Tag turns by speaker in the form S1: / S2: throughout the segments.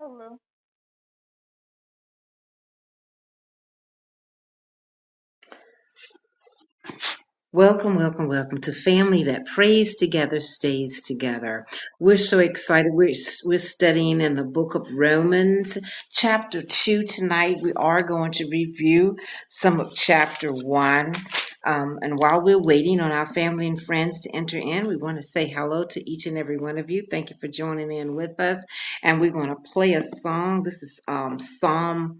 S1: Hello
S2: Welcome, welcome, welcome to family that prays together, stays together. We're so excited. We're, we're studying in the book of Romans, chapter 2 tonight. We are going to review some of chapter 1. Um, and while we're waiting on our family and friends to enter in, we want to say hello to each and every one of you. Thank you for joining in with us. And we're going to play a song. This is um, Psalm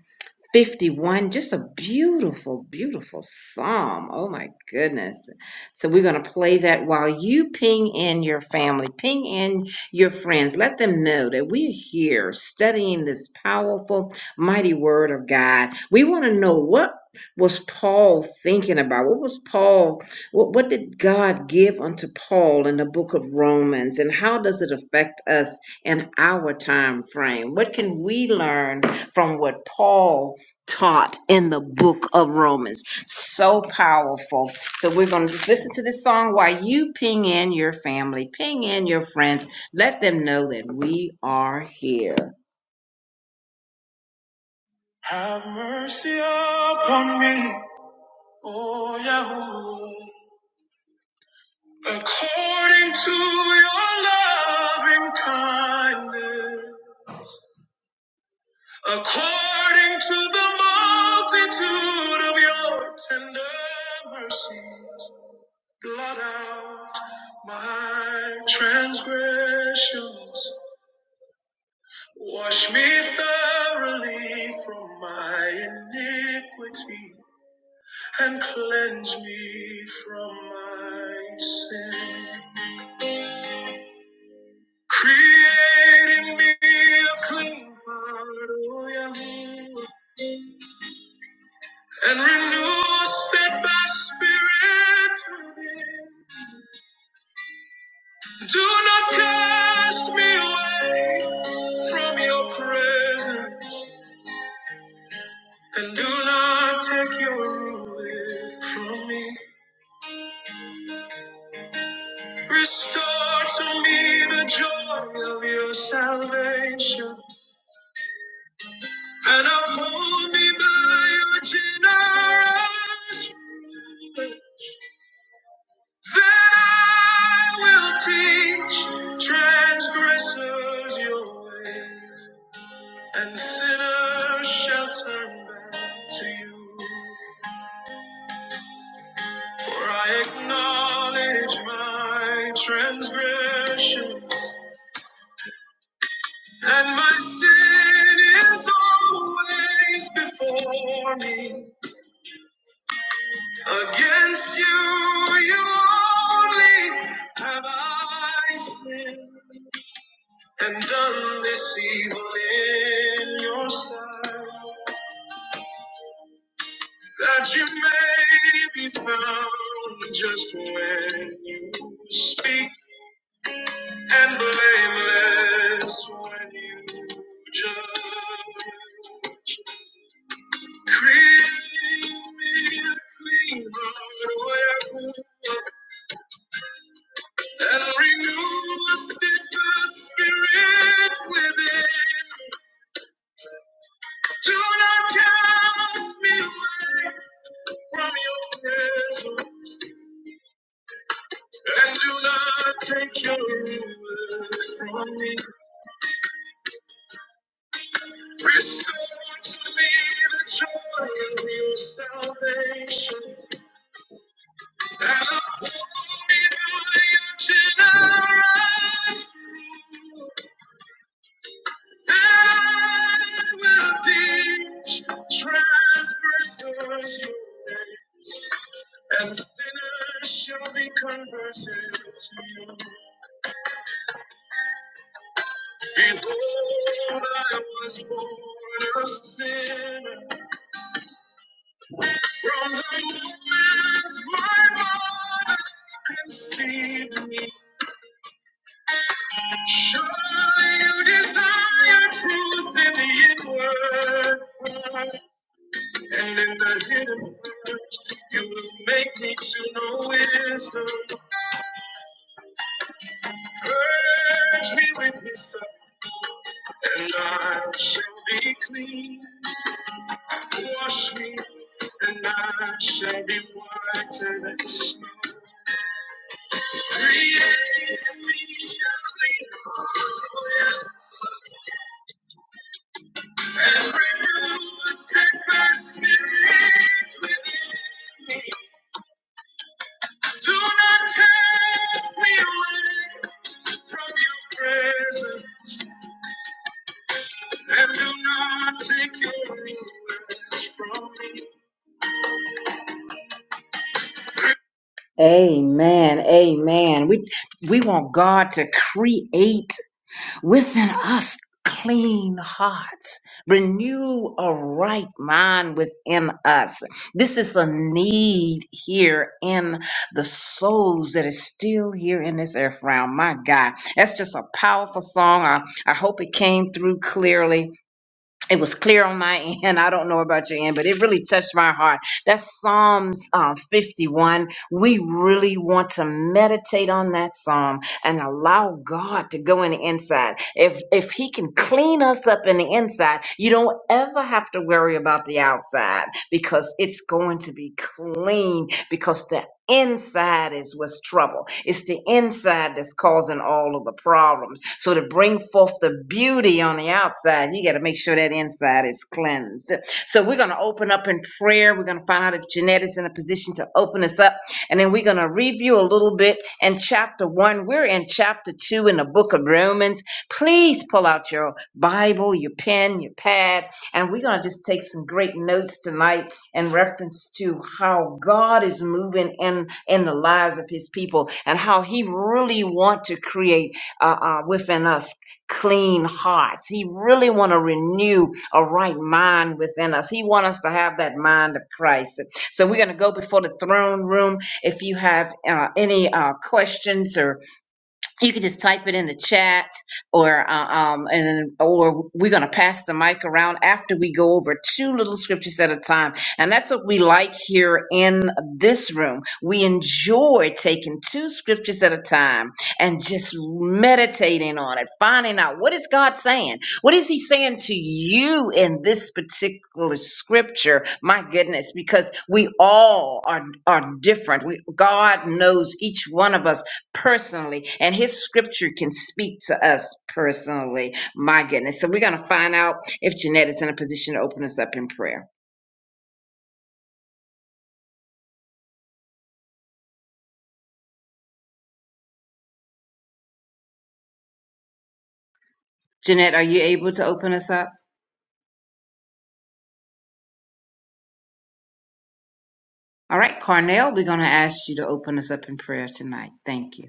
S2: 51 just a beautiful beautiful psalm oh my goodness so we're going to play that while you ping in your family ping in your friends let them know that we're here studying this powerful mighty word of god we want to know what was paul thinking about what was paul what, what did god give unto paul in the book of romans and how does it affect us in our time frame what can we learn from what paul taught in the book of Romans. So powerful. So we're going to just listen to this song while you ping in your family, ping in your friends. Let them know that we are here. Have mercy upon me, O Yahweh, according to your loving kindness, according to the multitude of your tender mercies. blot out my transgressions. Wash me thoroughly from my iniquity and cleanse me from my sin. Create in me a clean heart, O Yahweh, and renew a steadfast spirit within. Do not cast me away from your presence. And do not take your ruin from me. Restore to me the joy of your salvation. And uphold me by your generous spirit. Then I will teach transgressors your ways. And sinners shall turn back to you. For I acknowledge my transgressions. And my sin is always before me. Against you, you only have I sinned and done this evil in your sight, that you may be found just when you speak and blameless when you judge. Create me a clean heart, O Yahweh, and renew a steadfast spirit within. Do not cast me away from your presence, and do not take your ruler from me. Restore to me the joy of your salvation Transgressors your ways, and sinners shall be converted to you. Behold, I was born a sinner from the moment my mother conceived me. Surely you desire truth in the inward parts, and in the hidden parts you will make me to know wisdom. Purge me with hyssop, and I shall be clean. Wash me, and I shall be whiter than snow. Create in me a clean heart, O Lord, and renew a steadfast spirit within me. Do not cast me away from your presence, and do not take your away from me. Amen. Amen. We we want God to create. within us clean hearts renew a right mind within us this is a need here in the souls that is still here in this earth realm my god that's just a powerful song i, I hope it came through clearly it was clear on my end. I don't know about your end, but it really touched my heart. That's Psalms uh, 51. We really want to meditate on that psalm and allow God to go in the inside. If if He can clean us up in the inside, you don't ever have to worry about the outside because it's going to be clean. Because the inside is what's trouble. It's the inside that's causing all of the problems. So to bring forth the beauty on the outside, you got to make sure that inside is cleansed. So we're going to open up in prayer. We're going to find out if Jeanette is in a position to open us up. And then we're going to review a little bit in chapter one. We're in chapter two in the book of Romans. Please pull out your Bible, your pen, your pad, and we're going to just take some great notes tonight in reference to how God is moving in in the lives of His people and how He really want to create uh, uh, within us clean hearts. He really want to renew a right mind within us. He want us to have that mind of Christ. So we're going to go before the throne room. If you have uh, any uh, questions or you can just type it in the chat or uh, um and or we're going to pass the mic around after we go over two little scriptures at a time and that's what we like here in this room we enjoy taking two scriptures at a time and just meditating on it finding out what is god saying what is he saying to you in this particular scripture my goodness because we all are are different we god knows each one of us personally, and his scripture can speak to us personally. My goodness. So we're going to find out if Jeanette is in a position to open us up in prayer. Jeanette, are you able to open us up? All right, Carnell, we're going to ask you to open us up in prayer tonight. Thank you.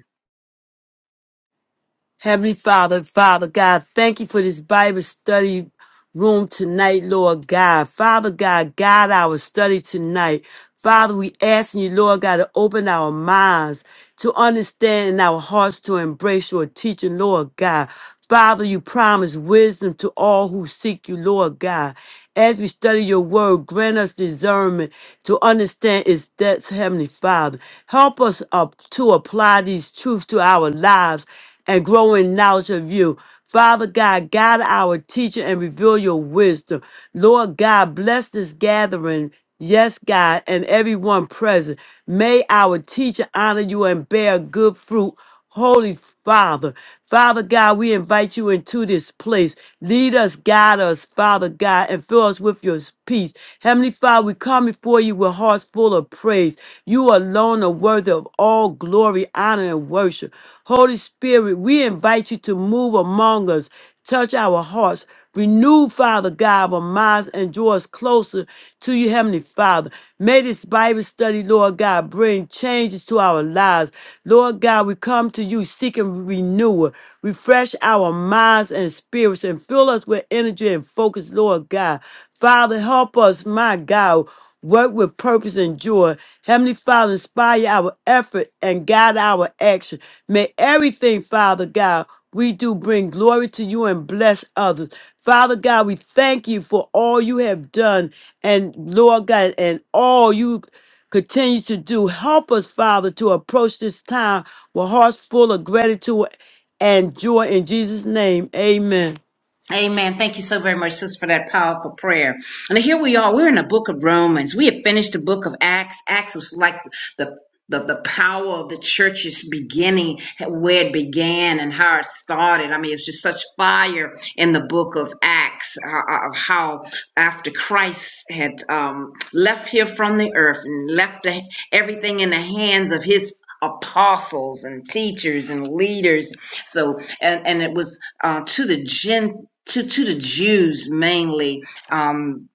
S3: Heavenly Father, Father God, thank you for this Bible study room tonight, Lord God. Father God, guide our study tonight. Father, we asking you, Lord God, to open our minds to understand and our hearts to embrace your teaching, Lord God. Father, you promise wisdom to all who seek you, Lord God. As we study your word, grant us discernment to understand its depths, Heavenly Father. Help us up to apply these truths to our lives and grow in knowledge of you. Father God, guide our teacher and reveal your wisdom. Lord God, bless this gathering. Yes, God, and everyone present. May our teacher honor you and bear good fruit. Holy Father, Father God, we invite you into this place. Lead us, guide us, Father God, and fill us with your peace. Heavenly Father, we come before you with hearts full of praise. You alone are worthy of all glory, honor, and worship. Holy Spirit, we invite you to move among us, touch our hearts, renew, Father God, our minds, and draw us closer to you, Heavenly Father. May this Bible study, Lord God, bring changes to our lives. Lord God, we come to you seeking renewal. Refresh our minds and spirits and fill us with energy and focus, Lord God. Father, help us, my God, work with purpose and joy. Heavenly Father, inspire our effort and guide our action. May everything, Father God, we do bring glory to you and bless others. Father God, we thank you for all you have done and Lord God, and all you continue to do. Help us, Father, to approach this time with hearts full of gratitude and joy in Jesus' name. Amen.
S2: Amen. Thank you so very much, sis, for that powerful prayer. And here we are. We're in the book of Romans. We have finished the book of Acts. Acts was like the the, the power of the church's beginning, where it began and how it started. I mean, it's just such fire in the book of Acts uh, uh, of how after Christ had um, left here from the earth and left the, everything in the hands of his apostles and teachers and leaders so and and it was uh, to the gen to to the Jews mainly. Um,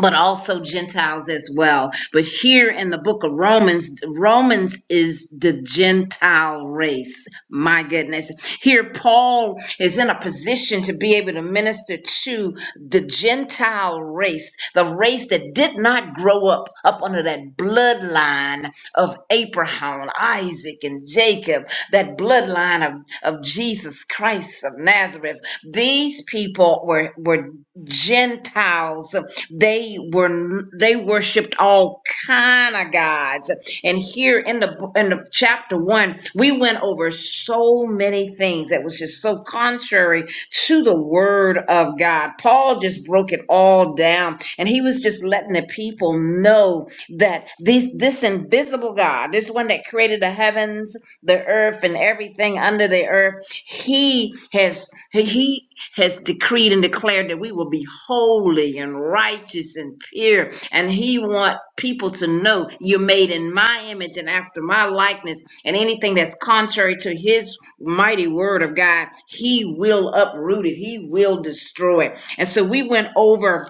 S2: but also Gentiles as well. But here in the book of Romans, Romans is the Gentile race. My goodness. Here, Paul is in a position to be able to minister to the Gentile race, the race that did not grow up up under that bloodline of Abraham, Isaac, and Jacob that bloodline of, of Jesus Christ of Nazareth. These people were were Gentiles. They were they worshipped all kind of gods. And here in the in the chapter one, we went over so many things that was just so contrary to the word of God. Paul just broke it all down, and he was just letting the people know that this this invisible God, this one that created the heavens the earth and everything under the earth. He has he has decreed and declared that we will be holy and righteous and pure. And he wants people to know you're made in my image and after my likeness. And anything that's contrary to his mighty word of God, he will uproot it. He will destroy it. And so we went over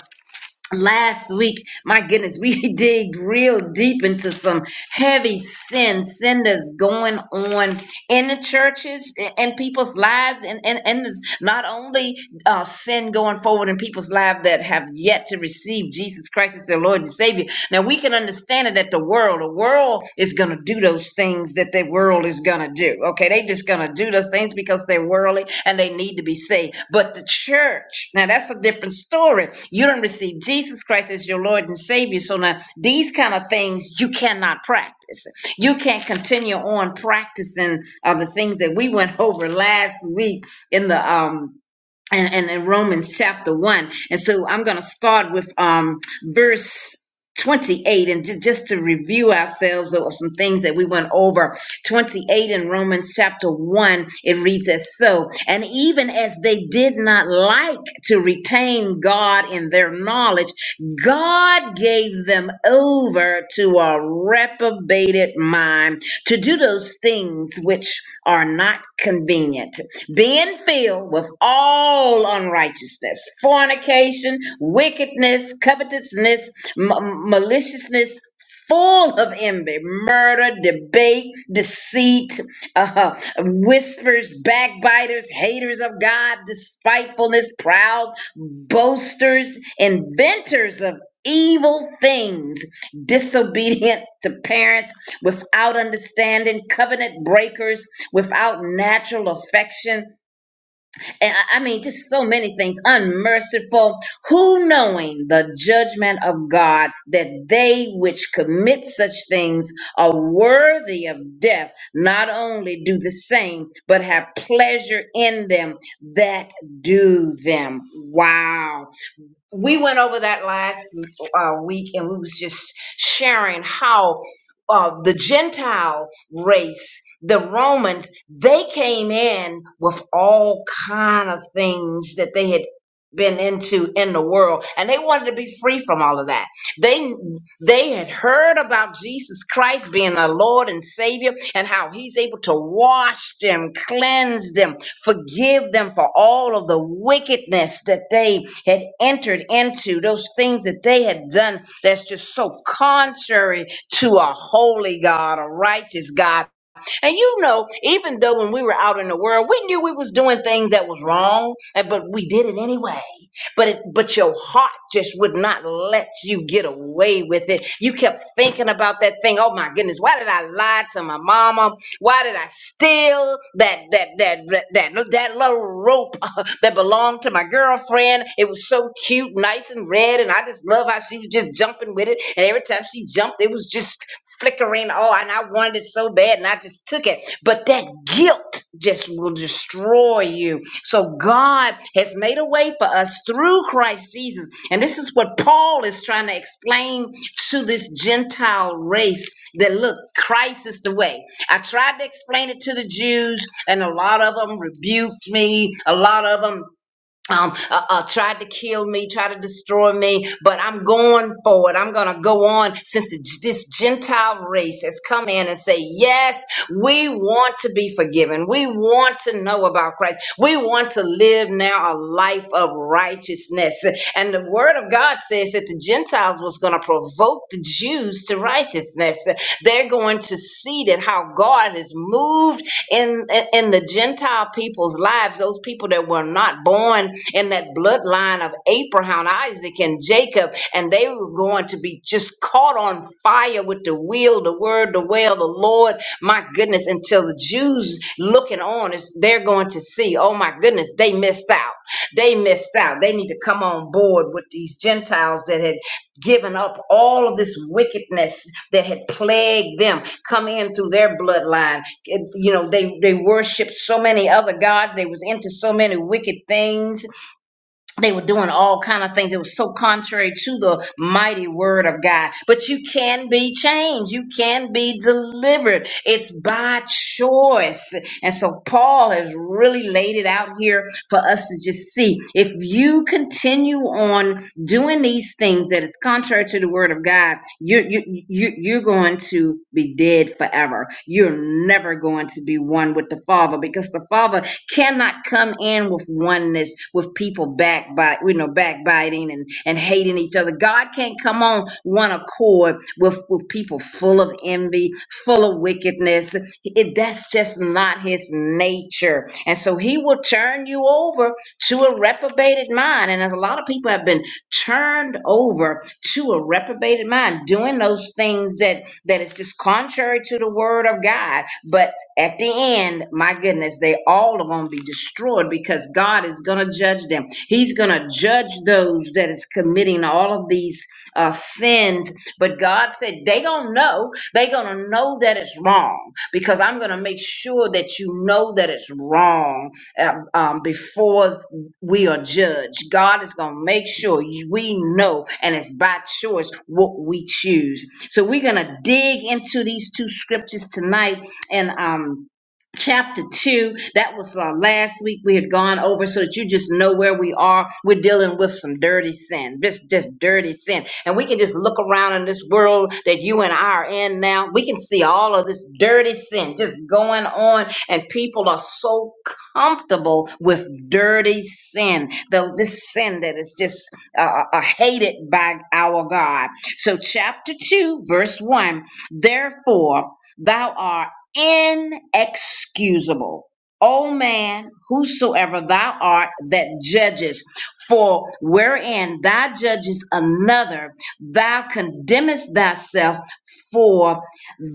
S2: last week, my goodness, we dig real deep into some heavy sin, sin that's going on in the churches and people's lives, and and and there's not only uh, sin going forward in people's lives that have yet to receive Jesus Christ as their Lord and Savior, now we can understand it at the world. The world is going to do those things that the world is going to do. Okay, they just going to do those things because they're worldly and they need to be saved. But the church, now that's a different story. You don't receive Jesus Christ as your Lord and Savior. So now these kind of things you cannot practice. You can't continue on practicing uh, the things that we went over last week in the um and, and in Romans chapter 1. And so I'm going to start with um, verse 28 and ju- just to review ourselves or some things that we went over. 28 in Romans chapter 1, it reads as so, and even as they did not like to retain God in their knowledge, God gave them over to a reprobated mind to do those things which are not convenient being filled with all unrighteousness, fornication, wickedness, covetousness, m- maliciousness, full of envy, murder, debate, deceit, uh, whispers, backbiters, haters of God, despitefulness, proud, boasters, inventors of evil things, disobedient to parents, without understanding, covenant breakers without natural affection. And I I mean, just so many things, unmerciful, who knowing the judgment of God that they which commit such things are worthy of death, not only do the same, but have pleasure in them that do them. Wow we went over that last uh, week and we was just sharing how uh, the gentile race the romans they came in with all kind of things that they had been into in the world and they wanted to be free from all of that they they had heard about Jesus Christ being our Lord and Savior and how he's able to wash them, cleanse them, forgive them for all of the wickedness that they had entered into, those things that they had done that's just so contrary to a holy God, a righteous God and you know, even though when we were out in the world, we knew we was doing things that was wrong, and- but we did it anyway. But it, but your heart just would not let you get away with it. You kept thinking about that thing. Oh my goodness, why did I lie to my mama? Why did I steal that that that that that, that little rope? that belonged to my girlfriend. It was so cute, nice and red, and I just love how she was just jumping with it. And every time she jumped, it was just flickering. Oh, and I wanted it so bad, and I just took it. But that guilt just will destroy you. So God. God has made a way for us through Christ Jesus. And this is what Paul is trying to explain to this Gentile race that look, Christ is the way. I tried to explain it to the Jews, and a lot of them rebuked me. A lot of them um, uh, uh, tried to kill me, tried to destroy me, but I'm going forward. I'm going to go on since the, this Gentile race has come in and say, yes, we want to be forgiven. We want to know about Christ. We want to live now a life of righteousness. And the word of God says that the Gentiles was going to provoke the Jews to righteousness. They're going to see that how God has moved in, in the Gentile people's lives, those people that were not born in that bloodline of Abraham, Isaac, and Jacob, and they were going to be just caught on fire with the wheel, the word, the well, the Lord. My goodness, until the Jews looking on, is they're going to see, oh my goodness, they missed out. They missed out. They need to come on board with these Gentiles that had given up all of this wickedness that had plagued them come in through their bloodline It- you know they they worshiped so many other gods they was into so many wicked things they were doing all kind of things. It was so contrary to the mighty word of God. But you can be changed. You can be delivered. It's by choice. And so Paul has really laid it out here for us to just see. If you continue on doing these things that is contrary to the word of God, you you you you're going to be dead forever. You're never going to be one with the Father because the Father cannot come in with oneness with people backbite you know backbiting and and hating each other god can't come on one accord with with people full of envy full of wickedness it, that's just not his nature and so he will turn you over to a reprobated mind and as a lot of people have been turned over to a reprobated mind doing those things that that is just contrary to the word of god but at the end, my goodness, they all are going to be destroyed because God is going to judge them. He's going to judge those that is committing all of these uh, sins. But God said they going to know. they are going to know that it's wrong because I'm going to make sure that you know that it's wrong uh, um, before we are judged. God is going to make sure you- we know, and it's by choice what we choose. So we're going to dig into these two scriptures tonight and um chapter 2 that was uh, last week we had gone over so that you just know where we are we're dealing with some dirty sin just just dirty sin and we can just look around in this world that you and i are in now we can see all of this dirty sin just going on and people are so comfortable with dirty sin though this sin that is just uh, uh, uh, hated by our god so chapter 2 verse 1 therefore thou art inexcusable. O man, whosoever thou art that judgest, for wherein thou judgest another, thou condemnest thyself, for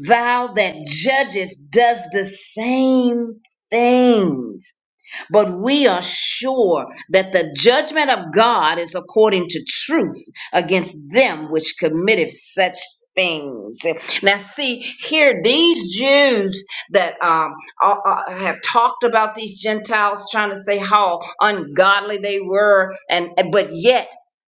S2: thou that judgest does the same thing but we are sure that the judgment of God is according to truth against them which committed such things. Now, see here, these Jews that um, uh, uh, have talked about these Gentiles, trying to say how ungodly they were, and but yet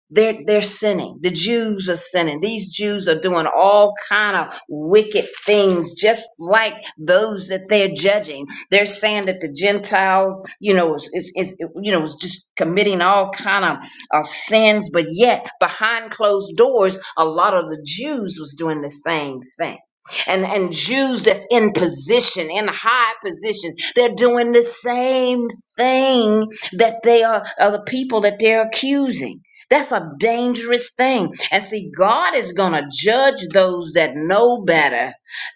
S2: they're they're sinning. The Jews are sinning. These Jews are doing all kind of wicked things, just like those that they're judging. They're saying that the Gentiles, you know, is, is, is you know, is just committing all kind of uh, sins, but yet behind closed doors, a lot of the Jews was doing the same thing. And and Jews that's in position, in high position, they're doing the same thing that they are, are the people that they're accusing. That's a dangerous thing. And see, God is going to judge those that know better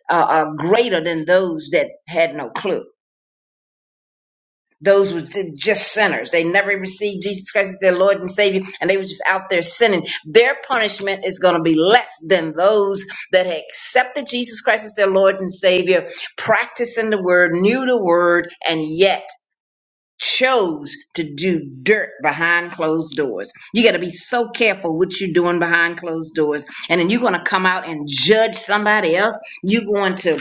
S2: uh, are greater than those that had no clue. Those were ju- just sinners. They never received Jesus Christ as their Lord and Savior, and they were just out there sinning. Their punishment is going to be less than those that had accepted Jesus Christ as their Lord and Savior, practicing the word, knew the word, and yet chose to do dirt behind closed doors. You got to be so careful what you're doing behind closed doors. And then you're going to come out and judge somebody else. You're going to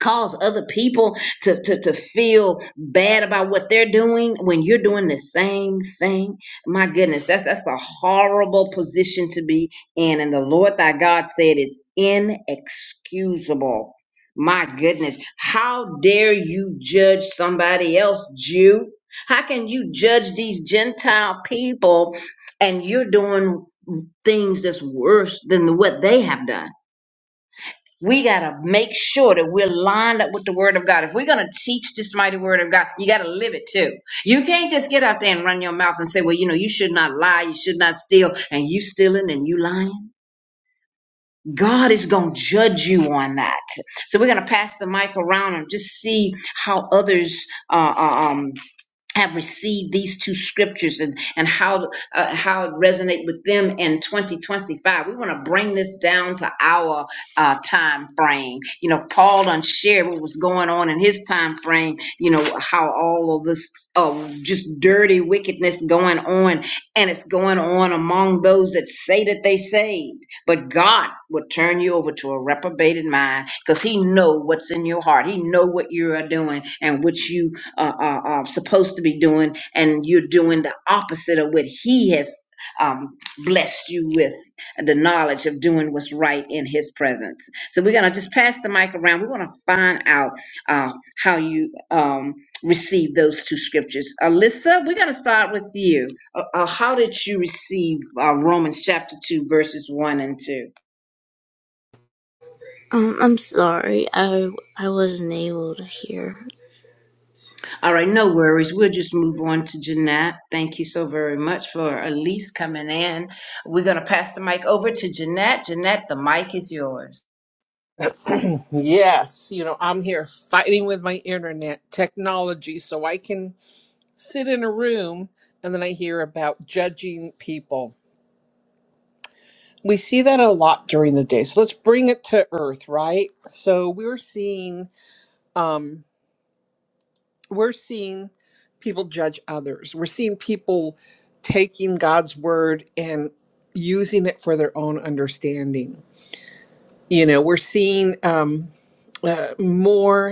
S2: cause other people to, to, to feel bad about what they're doing when you're doing the same thing. My goodness, that's that's a horrible position to be in. And the Lord thy God said it's inexcusable. My goodness, how dare you judge somebody else, Jew? How can you judge these Gentile people and you're doing things that's worse than what they have done? we got to make sure that we're lined up with the word of God. If we're going to teach this mighty word of God, you got to live it too. You can't just get out there and run your mouth and say, well, you know, you should not lie, you should not steal, and you stealing and you lying. God is going to judge you on that. So we're going to pass the mic around and just see how others uh, uh, um, have received these two scriptures and and how uh, how it resonate with them in 2025 we want to bring this down to our uh, time frame you know paul done shared what was going on in his time frame you know how all of this uh, just dirty wickedness going on and it's going on among those that say that they saved but god will turn you over to a reprobated mind because he know what's in your heart he know what you are doing and what you uh, are, are supposed to be doing, and you're doing the opposite of what He has um, blessed you with the knowledge of doing what's right in His presence. So we're gonna just pass the mic around. We want to find out uh, how you um, receive those two scriptures. Alyssa, we're gonna start with you. Uh, uh, how did you receive uh, Romans chapter two, verses one and two?
S4: Um, I'm sorry. I I wasn't able to hear.
S2: All right, no worries. We'll just move on to Jeanette. Thank you so very much for Elise coming in. We're going to pass the mic over to Jeanette. Jeanette, the mic is yours.
S5: Yes, you know, I'm here fighting with my internet technology so I can sit in a room and then I hear about judging people. We see that a lot during the day. So let's bring it to earth, right? So we're seeing um we're seeing people judge others. We're seeing people taking God's word and using it for their own understanding. You know, we're seeing um uh, more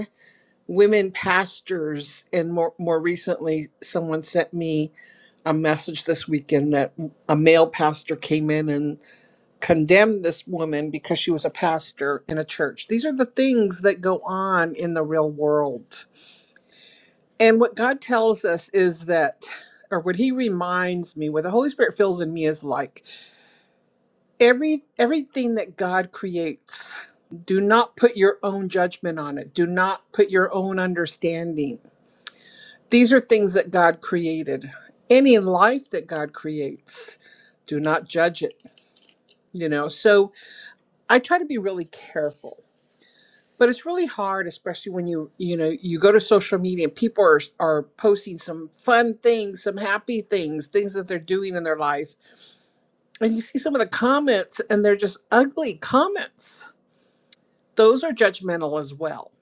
S5: women pastors and more more recently someone sent me a message this weekend that a male pastor came in and condemned this woman because she was a pastor in a church. These are the things that go on in the real world. And what God tells us is that or what he reminds me what the Holy Spirit fills in me is like every everything that God creates do not put your own judgment on it. Do not put your own understanding These are things that God created. Any life that God creates, do not judge it, you know. So I try to be really careful. But it's really hard, especially when you you know you go to social media and people are are posting some fun things, some happy things, things that they're doing in their life, and you see some of the comments, and they're just ugly comments. Those are judgmental as well.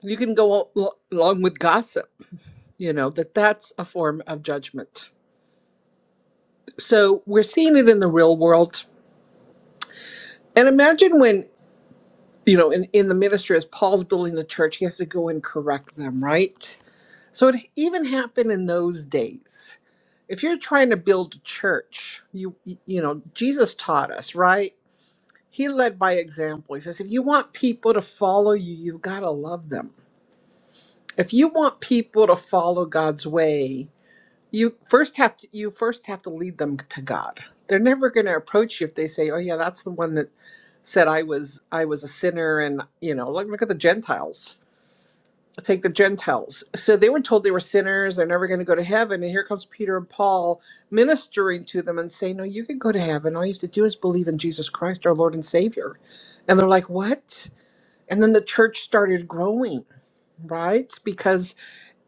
S5: You can go al- along with gossip, you know that that's a form of judgment So we're seeing it in the real world. And imagine when, you know, in, in the ministry, as Paul's building the church, he has to go and correct them, right? So it even happened in those days. If you're trying to build a church, you you know, Jesus taught us, right? He led by example. He says, if you want people to follow you, you've got to love them. If you want people to follow God's way, you first have to you first have to lead them to god they're never going to approach you if they say oh yeah that's the one that said i was i was a sinner and you know look, look at the gentiles take the gentiles so they were told they were sinners they're never going to go to heaven and here comes peter and paul ministering to them and saying no you can go to heaven all you have to do is believe in jesus christ our lord and savior and they're like what and then the church started growing right Because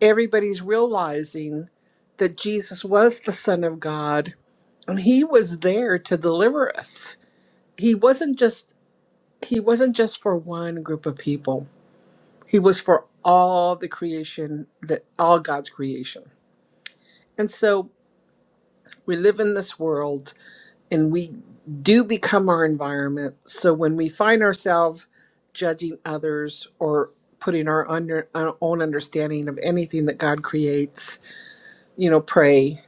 S5: everybody's realizing that Jesus was the Son of God and he was there to deliver us. He wasn't just he wasn't just for one group of people. He was for all the creation that all God's creation. And so we live in this world and we do become our environment. So when we find ourselves judging others or putting our, under, our own understanding of anything that God creates, you know, pray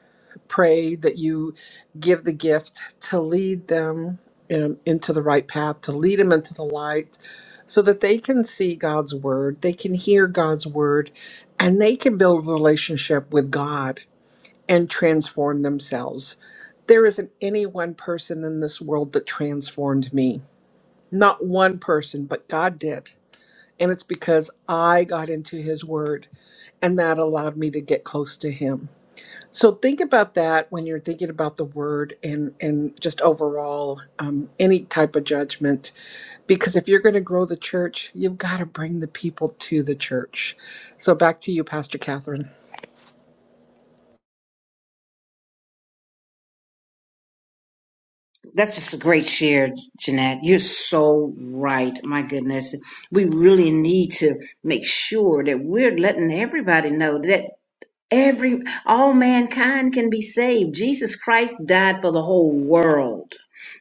S5: pray that you give the gift to lead them um, into the right path, to lead them into the light, so that they can see God's word, they can hear God's word, and they can build a relationship with God and transform themselves. There isn't any one person in this world that transformed me. Not one person, but God did. And it's because I got into His Word and that allowed me to get close to Him. So think about that when you're thinking about the word and and just overall um, any type of judgment, because if you're going to grow the church, you've got to bring the people to the church. So back to you, Pastor Catherine.
S2: That's just a great share, Jeanette. You're so right. My goodness. We really need to make sure that we're letting everybody know that. Every all mankind can be saved. Jesus Christ died for the whole world,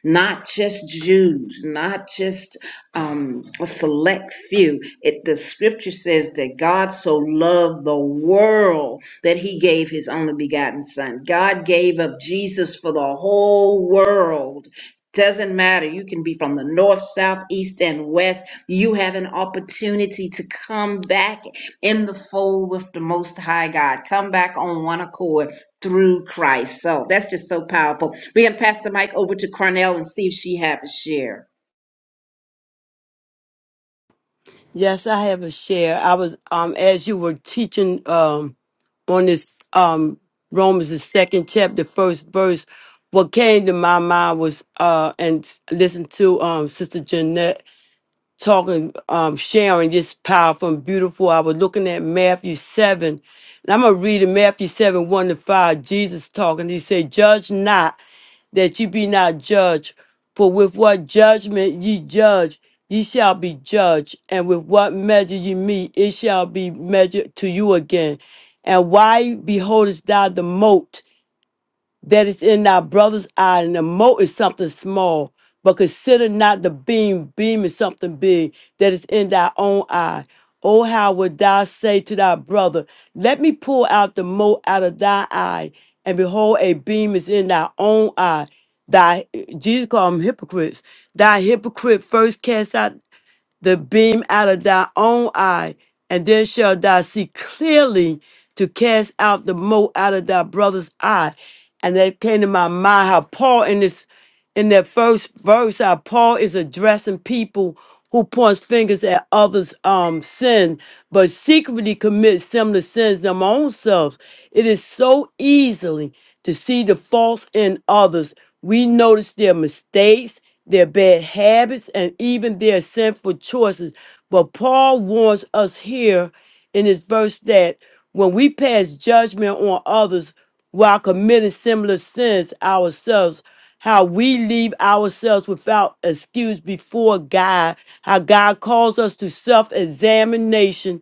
S2: not just Jews, not just um, a select few. It, the Scripture says that God so loved the world that He gave His only begotten Son. God gave up Jesus for the whole world. Doesn't matter. You can be from the north, south, east, and west. You have an opportunity to come back in the fold with the Most High God. Come back on one accord through Christ. So that's just so powerful. We're going to pass the mic over to Cornell and see if she has a share.
S3: Yes, I have a share. I was um as you were teaching um on this um Romans the second chapter, first verse, what came to my mind was uh and listen to um Sister Jeanette talking, um, sharing just powerful and beautiful. I was looking at Matthew 7, and I'm going to read in Matthew 7 1 to 5. Jesus talking, he said, Judge not that ye be not judged, for with what judgment ye judge, ye shall be judged, and with what measure ye meet, it shall be measured to you again. And why beholdest thou the mote? that is in thy brother's eye, and the mote is something small. But consider not the beam, beam is something big that is in thy own eye. Oh, how would thou say to thy brother, Let me pull out the mote out of thy eye, and behold, a beam is in thy own eye. Thy Jesus called them hypocrites. Thy hypocrite first cast out the beam out of thy own eye, and then shalt thou see clearly to cast out the mote out of thy brother's eye. And that came to my mind how Paul in this in that first verse, how Paul is addressing people who points fingers at others' um sin, but secretly commits similar sins them own selves. It is so easily to see the faults in others. We notice their mistakes their bad habits, and even their sinful choices. But Paul warns us here in this verse that when we pass judgment on others while committing similar sins ourselves, how we leave ourselves without excuse before God, how God calls us to self examination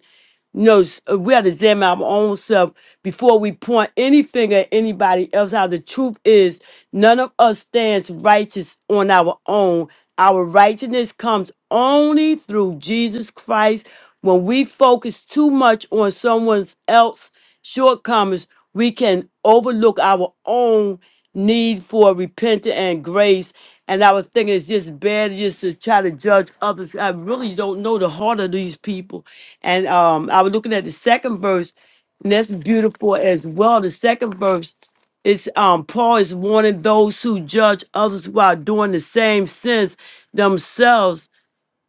S3: knows uh, we have to examine our own self before we point any finger at anybody else. How the truth is, none of us stands righteous on our own. Our righteousness comes only through Jesus Christ. When we focus too much on someone else shortcomings, we can overlook our own need for repentance and grace. And I was thinking it's just bad just to try to judge others. I really don't know the heart of these people. And um, I was looking at the second verse, and that's beautiful as well. The second verse is um, Paul is warning those who judge others while doing the same sins themselves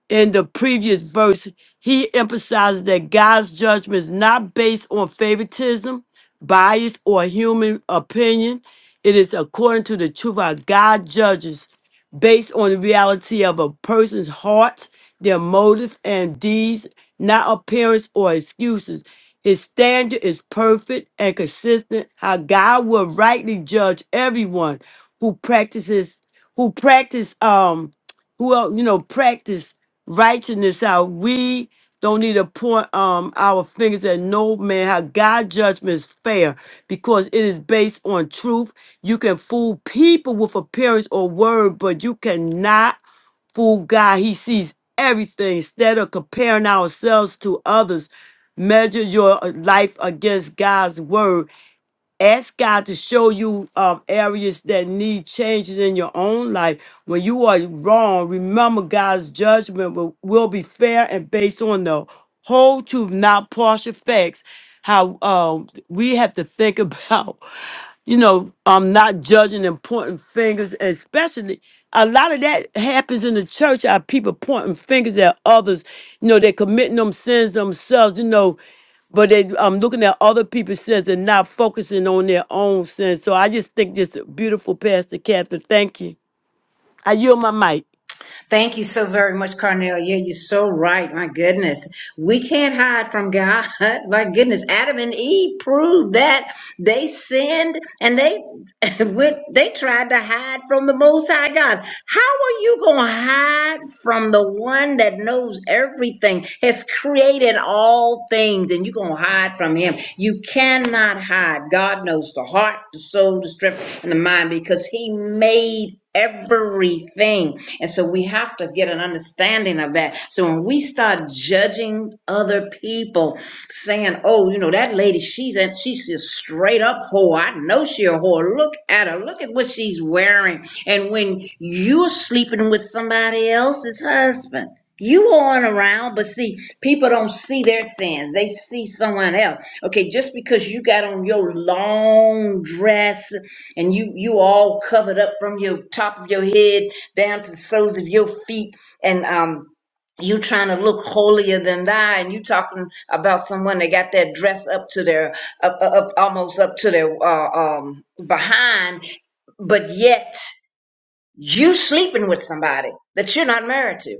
S3: in the previous verse, he emphasizes that God's judgment is not based on favoritism, bias, or human opinion. It is according to the truth our God judges, based on the reality of a person's heart, their motives and deeds, not appearance or excuses. His standard is perfect and consistent. How God will rightly judge everyone who practices, who practice, um, who el- you know practice righteousness How We don't need to point um, our fingers at no man. How God judgment is fair because it is based on truth. You can fool people with appearance or word, but you cannot fool God. He sees everything. Instead of comparing ourselves to others, measure your life against God's word. Ask God to show you um, areas that need changes in your own life. When you are wrong, remember God's judgment will, will be fair and based on the whole truth, not partial facts. How um, we have to think about, you know, um, not judging and pointing fingers, especially a lot of that happens in the church. Our people pointing fingers at others. You know, they're committing them sins themselves. You know, but they um looking at other people's sins and not focusing on their own sins. So I just think this beautiful Pastor Catherine. Thank you. I yield my mic.
S2: Thank you so very much, Carnelia. You're so right. My goodness. We can't hide from God. My goodness. Adam and Eve proved that they sinned and they went, they tried to hide from the most high God. How are you gonna hide from the one that knows everything, has created all things, and you're gonna hide from him? You cannot hide. God knows the heart, the soul, the strength, and the mind because he made everything. And so we have to get an understanding of that. So when we start judging other people, saying, "Oh, you know that lady, she's a, she's a straight up whore. I know she a whore. Look at her. Look at what she's wearing." And when you're sleeping with somebody else's husband. You on around, but see, people don't see their sins. They see someone else. Okay, just because you got on your long dress and you you all covered up from your top of your head down to the soles of your feet and um you trying to look holier than thou and you talking about someone that got that dress up to their up, up up- almost up to their uh, um behind but yet you sleeping with somebody that you're not married to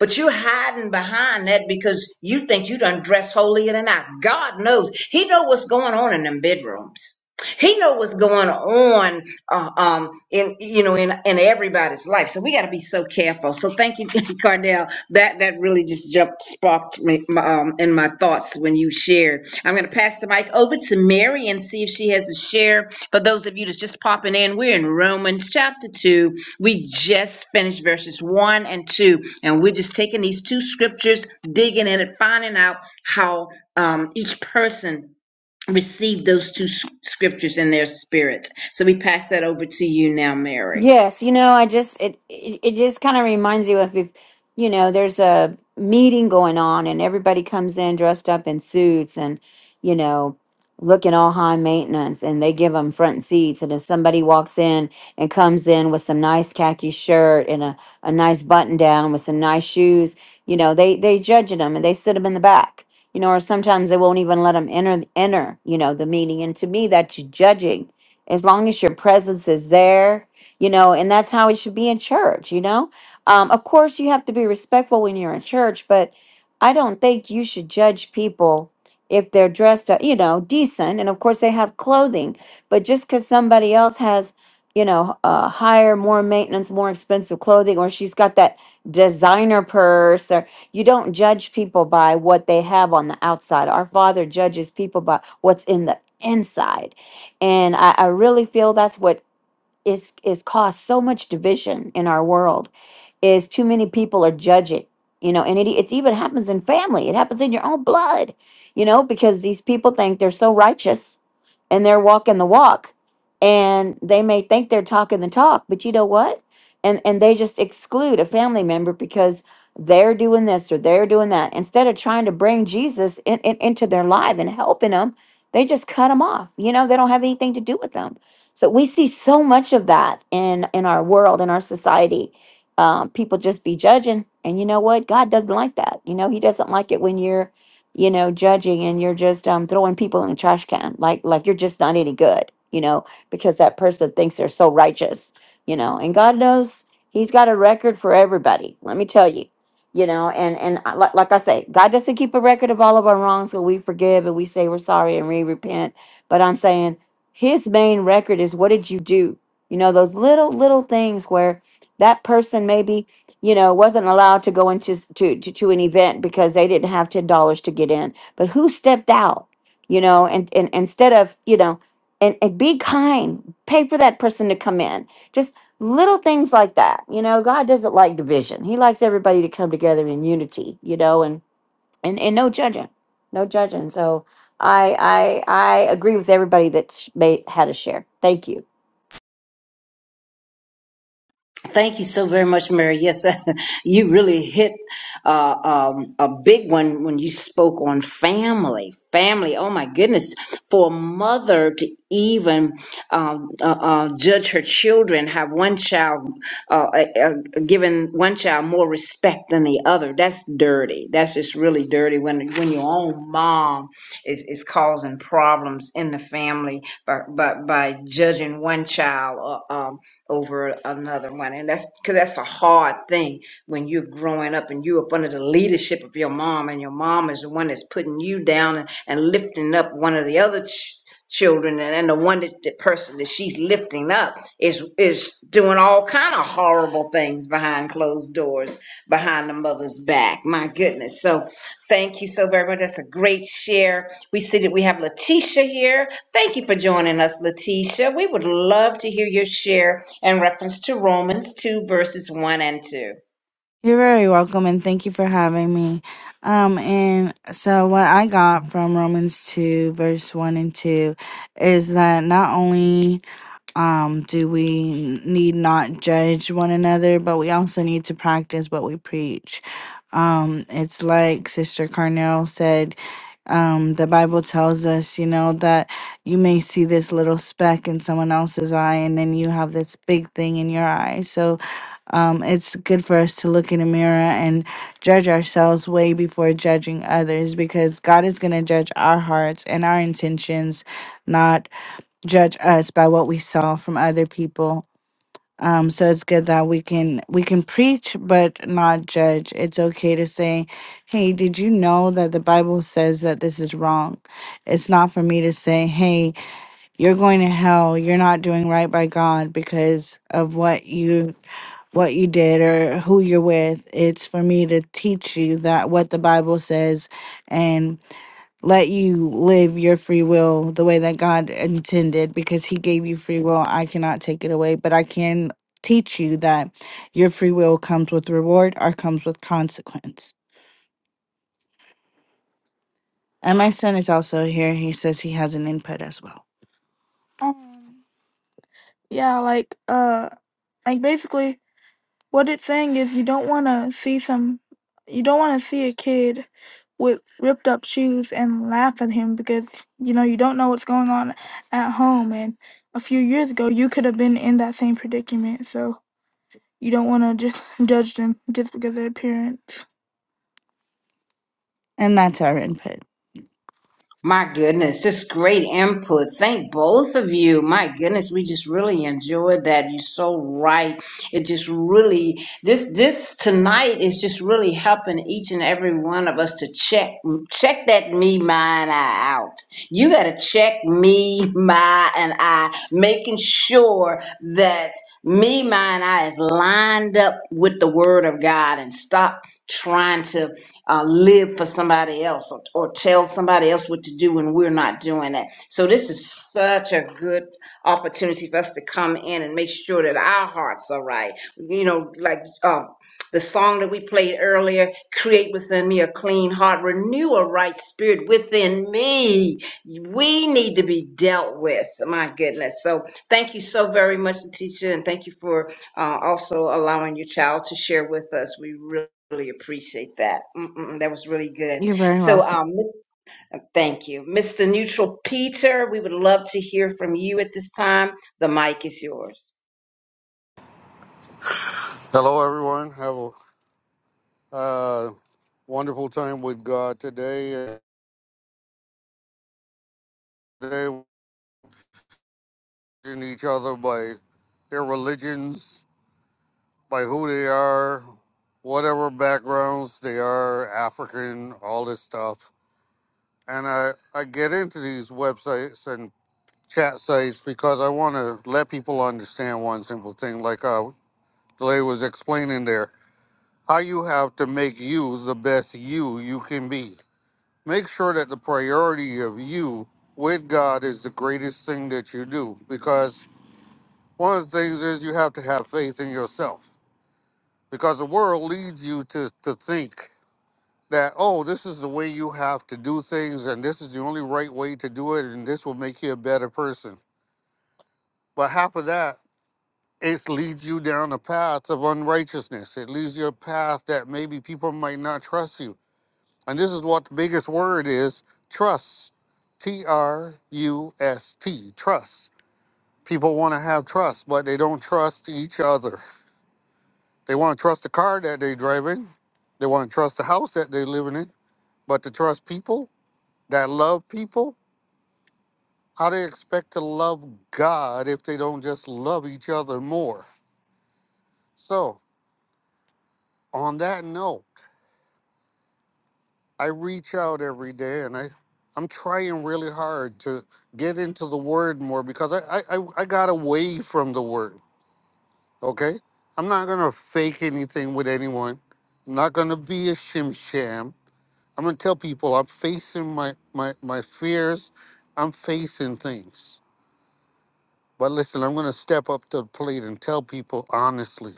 S2: but you're hiding behind that because you think you done dress holier than I. God knows. He know what's going on in them bedrooms. He know what's going on, uh, um, in you know, in in everybody's life. So we got to be so careful. So thank you, Cardell. That that really just jumped sparked me um, in my thoughts when you shared. I'm going to pass the mic over to Mary and see if she has a share. For those of you that's just popping in, we're in Romans chapter two. We just finished verses one and two, and we're just taking these two scriptures, digging in it, finding out how um, each person receive those two s- scriptures in their spirits. So we pass that over to you now, Mary.
S6: Yes, you know, I just it it, it just kind of reminds you of if you know there's a meeting going on and everybody comes in dressed up in suits and you know looking all high maintenance and they give them front seats and if somebody walks in and comes in with some nice khaki shirt and a, a nice button down with some nice shoes you know they they judging them and they sit them in the back you know or sometimes they won't even let them enter enter you know the meeting and to me that's judging as long as your presence is there you know, and that's how it should be in church, you know. Um, of course, you have to be respectful when you're in church, but I don't think you should judge people if they're dressed, up, you know, decent. And of course, they have clothing, but just because somebody else has, you know, uh, higher, more maintenance, more expensive clothing, or she's got that designer purse, or you don't judge people by what they have on the outside. Our Father judges people by what's in the inside. And I, I really feel that's what is is caused so much division in our world is too many people are judging you know and it it's even happens in family it happens in your own blood you know because these people think they're so righteous and they're walking the walk and they may think they're talking the talk but you know what and and they just exclude a family member because they're doing this or they're doing that instead of trying to bring jesus in, in, into their life and helping them they just cut them off you know they don't have anything to do with them so we see so much of that in in our world in our society um, people just be judging. And you know what? God doesn't like that. You know, He doesn't like it when you're, you know, judging and you're just um, throwing people in the trash can, like like you're just not any good. You know, because that person thinks they're so righteous. You know, and God knows He's got a record for everybody. Let me tell you. You know, and and I- like like I say, God doesn't keep a record of all of our wrongs, so we forgive and we say we're sorry and we repent. But I'm saying His main record is what did you do? You know, those little little things where that person maybe you know wasn't allowed to go into s- to, to to an event because they didn't have ten dollars to get in but who stepped out you know and, and instead of you know and, and be kind pay for that person to come in just little things like that you know god doesn't like division he likes everybody to come together in unity you know and and, and no judging no judging so i i i agree with everybody that's made had a share thank you
S2: Thank you so very much, Mary. Yes, you really hit uh, um, a big one when you spoke on family. Family, oh my goodness, for a mother to even um, uh, uh, judge her children, have one child, uh, uh, uh, given one child more respect than the other, that's dirty. That's just really dirty when when your own mom is, is causing problems in the family by, by, by judging one child. Uh, um, over another one. And that's because that's a hard thing when you're growing up and you're up under the leadership of your mom, and your mom is the one that's putting you down and, and lifting up one of the other ch- children, and, and the one that the person that she's lifting up is is doing all kind of horrible things behind closed doors, behind the mother's back. My goodness. So thank you so very much. That's a great share. We see that we have Letitia here. Thank you for joining us, Letitia. We would love to hear your share in reference to Romans 2, verses 1 and 2.
S7: You're very welcome and thank you for having me. Um, and so what I got from Romans 2 verse 1 and 2 is that not only um, do we need not judge one another, but we also need to practice what we preach. Um, it's like Sister Carnell said, um, the Bible tells us, you know, that you may see this little speck in someone else's eye, and then you have this big thing in your eye. So, um, it's good for us to look in a mirror and judge ourselves way before judging others because God is going to judge our hearts and our intentions, not judge us by what we saw from other people. Um, so it's good that we can we can preach but not judge. It's okay to say, "Hey, did you know that the Bible says that this is wrong?" It's not for me to say, "Hey, you're going to hell. You're not doing right by God because of what you what you did or who you're with." It's for me to teach you that what the Bible says, and let you live your free will the way that God intended because He gave you free will. I cannot take it away, but I can teach you that your free will comes with reward or comes with consequence. And my son is also here. He says he has an input as well. Um, yeah, like uh, like basically What it's saying is you don't want to see some you don't want to see a kid with ripped up shoes and laugh at him because you know you don't know what's going on at home and a few years ago you could have been in that same predicament. So you don't want to just judge them just because of their appearance. And that's our input.
S2: My goodness, just great input. Thank both of you. My goodness, we just really enjoyed that. You're so right. It just really this this tonight is just really helping each and every one of us to check check that me, mine, I out. You gotta check me, my, and I, making sure that me, mine, I is lined up with the word of God and stop trying to uh, live for somebody else or, or tell somebody else what to do when we're not doing it. So, this is such a good opportunity for us to come in and make sure that our hearts are right. You know, like uh, the song that we played earlier create within me a clean heart, renew a right spirit within me. We need to be dealt with. My goodness. So, thank you so very much, teacher, and thank you for uh, also allowing your child to share with us. We really really appreciate that. Mm-mm, that was really good.
S7: You're very welcome.
S2: So, um, Miss, thank you, Mr. Neutral Peter. We would love to hear from you at this time. The mic is yours.
S8: Hello, everyone. Have a uh, wonderful time with God today. Today, we're judging each other by their religions, by who they are, whatever backgrounds they are, African, all this stuff. And I, I get into these websites and chat sites because I want to let people understand one simple thing, like uh, Lay was explaining there, how you have to make you the best you you can be make sure that the priority of you with God is the greatest thing that you do because one of the things is you have to have faith in yourself because the world leads you to, to think that oh this is the way you have to do things and this is the only right way to do it and this will make you a better person but half of that it leads you down a path of unrighteousness it leads you a path that maybe people might not trust you And this is what the biggest word is trust. T R U S T, trust. People want to have trust, but they don't trust each other. They want to trust the car that they're driving, they want to trust the house that they're living in, but to trust people that love people, how they expect to love God if they don't just love each other more. So, on that note, I reach out every day and I, I'm trying really hard to get into the word more because I, I, I I got away from the word. Okay. I'm not going to fake anything with anyone. I'm not going to be a shim sham. I'm going to tell people I'm facing my, my, my fears. I'm facing things. But listen, I'm going to step up to the plate and tell people honestly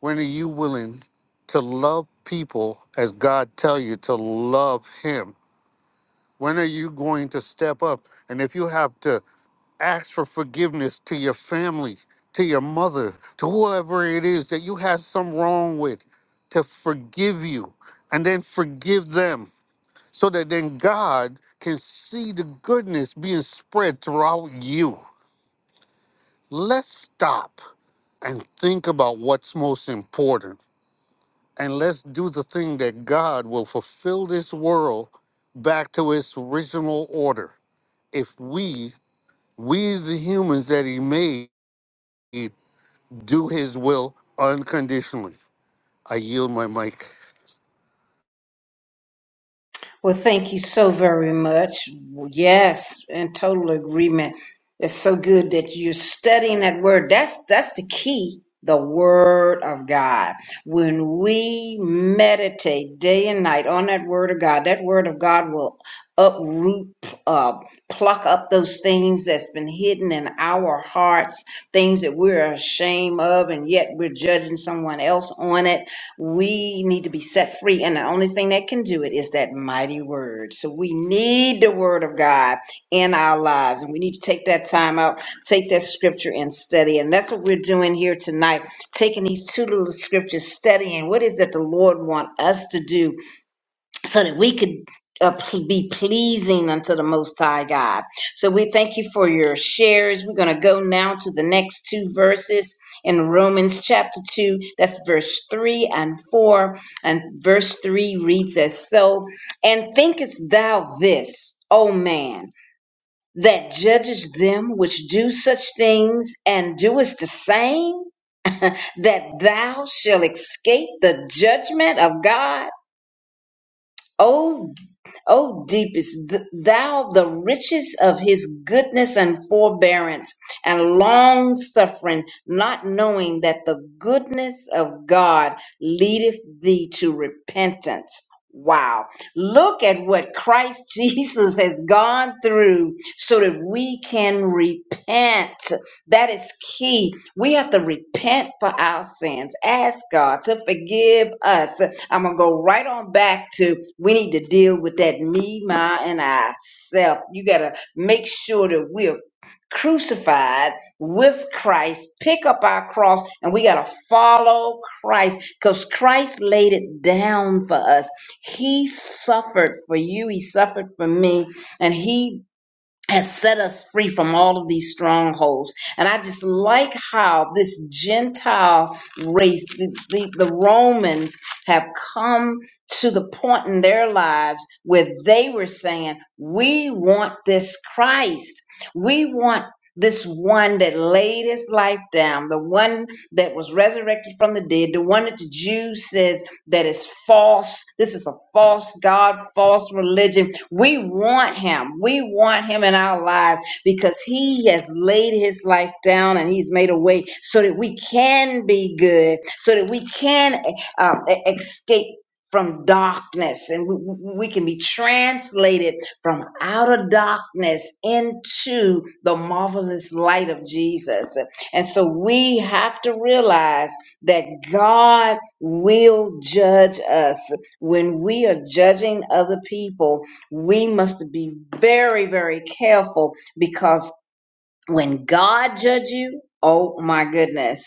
S8: when are you willing to love people as God tell you to love him? When are you going to step up? And if you have to ask for forgiveness to your family, to your mother, to whoever it is that you have some wrong with, to forgive you and then forgive them so that then God can see the goodness being spread throughout you. Let's stop and think about what's most important. And let's do the thing that God will fulfill this world back to its original order if we We, the humans that he made, do his will unconditionally. I yield my mic.
S2: Well, thank you so very much. Yes, in total agreement. It's so good that you're studying that word. That's that's the key, the word of God. When we meditate day and night on that word of God, that word of God will uproot, uh, pluck up those things that's been hidden in our hearts, things that we're ashamed of, and yet we're judging someone else on it we need to be set free, and the only thing that can do it is that mighty word. So we need the word of God in our lives, and we need to take that time out, take that scripture and study. And that's what we're doing here tonight, taking these two little scriptures, studying what is that the Lord want us to do so that we could uh, pl- be pleasing unto the Most High God. So we thank you for your shares. We're going to go now to the next two verses in Romans chapter 2. That's verse 3 and 4. And verse 3 reads as so And thinkest thou this, O man, that judgest them which do such things and doest the same, that thou shalt escape the judgment of God? O O deepest, th- thou the riches of his goodness and forbearance and long suffering, not knowing that the goodness of God leadeth thee to repentance. Wow. Look at what Christ Jesus has gone through so that we can repent. That is key. We have to repent for our sins. Ask God to forgive us I'm gonna go right on back to we need to deal with that me, my, and I self. You gotta make sure that we're crucified with Christ, pick up our cross, and we gotta follow Christ because Christ laid it down for us. He suffered for you, he suffered for me, and he has set us free from all of these strongholds. And I just like how this Gentile race, the, the, the Romans, have come to the point in their lives where they were saying, We want this Christ. We want this one that laid his life down, the one that was resurrected from the dead, the one that the Jews says that is false. This is a false God, false religion. We want him. We want him in our lives because he has laid his life down and he's made a way so that we can be good, so that we can um, e- escape from darkness and we, we we can be translated from outer darkness into the marvelous light of Jesus. And so we have to realize that God will judge us. When we are judging other people, we must be very, very careful because when God judge you, oh my goodness,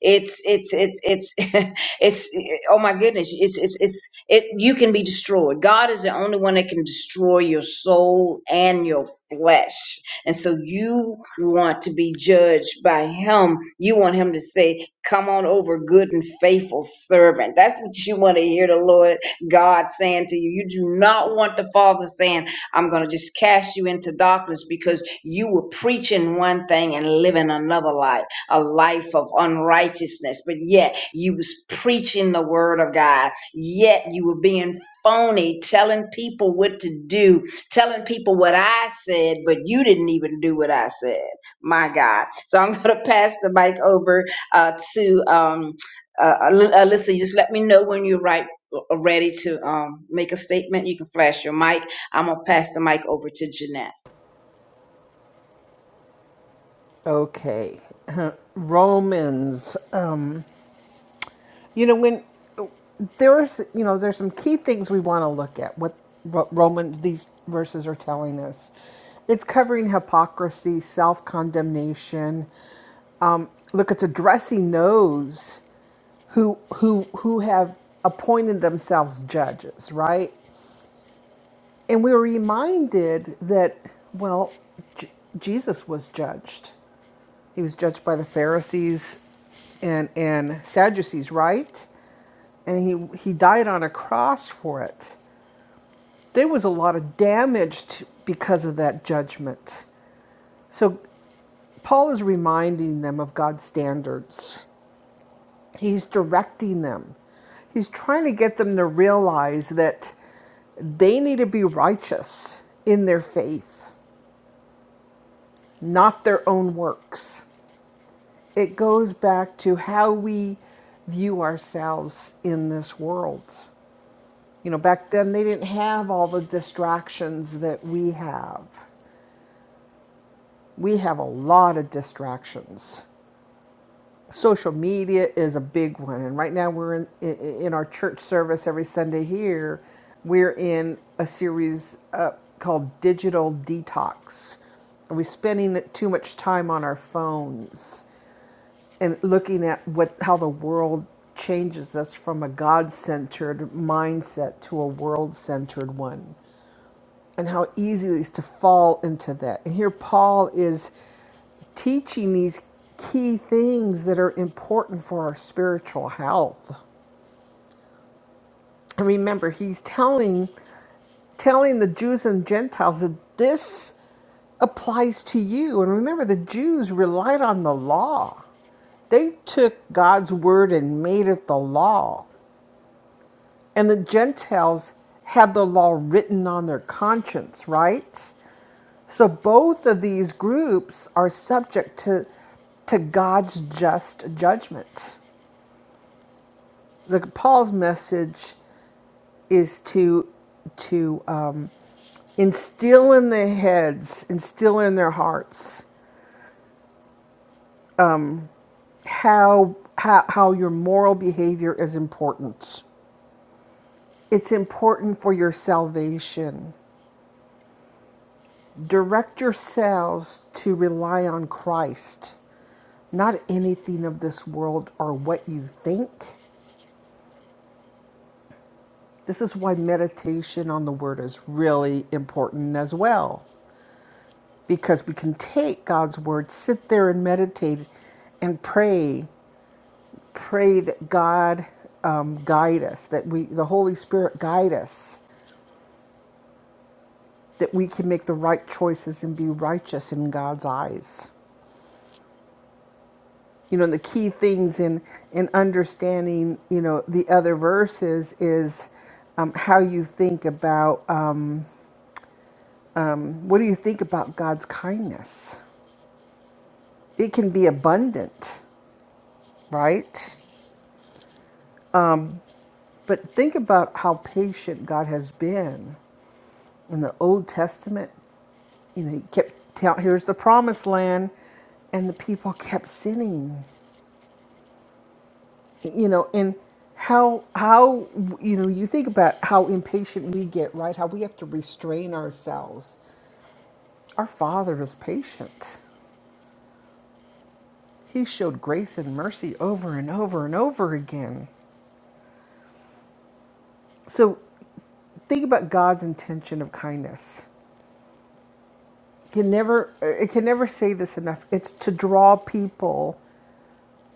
S2: it's it's it's it's it's oh my goodness, it's it's it's it. You can be destroyed. God is the only one that can destroy your soul and your flesh, and so you want to be judged by Him. You want Him to say, "Come on over, good and faithful servant." That's what you want to hear the Lord God saying to you. You do not want the Father saying, "I'm going to just cast you into darkness," because you were preaching one thing and living another life, a life of unrighteousness, but yet you was preaching the word of God. Yet you were being phony, telling people what to do, telling people what I said, but you didn't even do what I said. My God. So I'm going to pass the mic over uh, to um, uh, Aly- Alyssa. You Just let me know when you're right. uh, Ready to um, make a statement, you can flash your mic. I'm gonna pass the mic over to Jeanette.
S5: Okay. Romans. You know, when there's, you know, there's some key things we want to look at. What Ro- Roman these verses are telling us, it's covering hypocrisy, self condemnation. Um, look, it's addressing those who who who have appointed themselves judges, right? And we're reminded that, well, J- Jesus was judged. He was judged by the Pharisees and, and Sadducees, right? And he, he died on a cross for it. There was a lot of damage to, because of that judgment. So Paul is reminding them of God's standards, he's directing them. He's trying to get them to realize that they need to be righteous in their faith, not their own works. it goes back to how we view ourselves in this world. You know, back then they didn't have all the distractions that we have. We have a lot of distractions. Social media is a big one, and right now we're in in, our church service every Sunday here. We're in a series uh, called Digital Detox. Are we spending too much time on our phones? and looking at what how the world changes us from a god-centered mindset to a world-centered one and how easy it is to fall into that and here paul is teaching these key things that are important for our spiritual health and remember he's telling telling the jews and gentiles that this applies to you and remember the jews relied on the law they took God's word and made it the law. And the Gentiles had the law written on their conscience, right? So both of these groups are subject to, to God's just judgment. The, Paul's message is to, to um, instill in their heads, instill in their hearts how, how, how your moral behavior is important. It's important for your salvation Direct yourselves to rely on Christ, not anything of this world or what you think. This is why meditation on the Word is really important as well, because we can take God's Word, sit there and meditate and pray, pray that God um, guide us, that we, the Holy Spirit guide us, that we can make the right choices and be righteous in God's eyes. you know the key things in in understanding you know the other verses is um, how you think about um, what do you think about god's kindness it can be abundant right but think about how patient god has been in the old testament you know he kept tell here's the promised land and the people kept sinning you know and how how you know you think about how impatient we get right how we have to restrain ourselves our father is patient he showed grace and mercy over and over and over again so think about god's intention of kindness can never it can never say this enough it's to draw people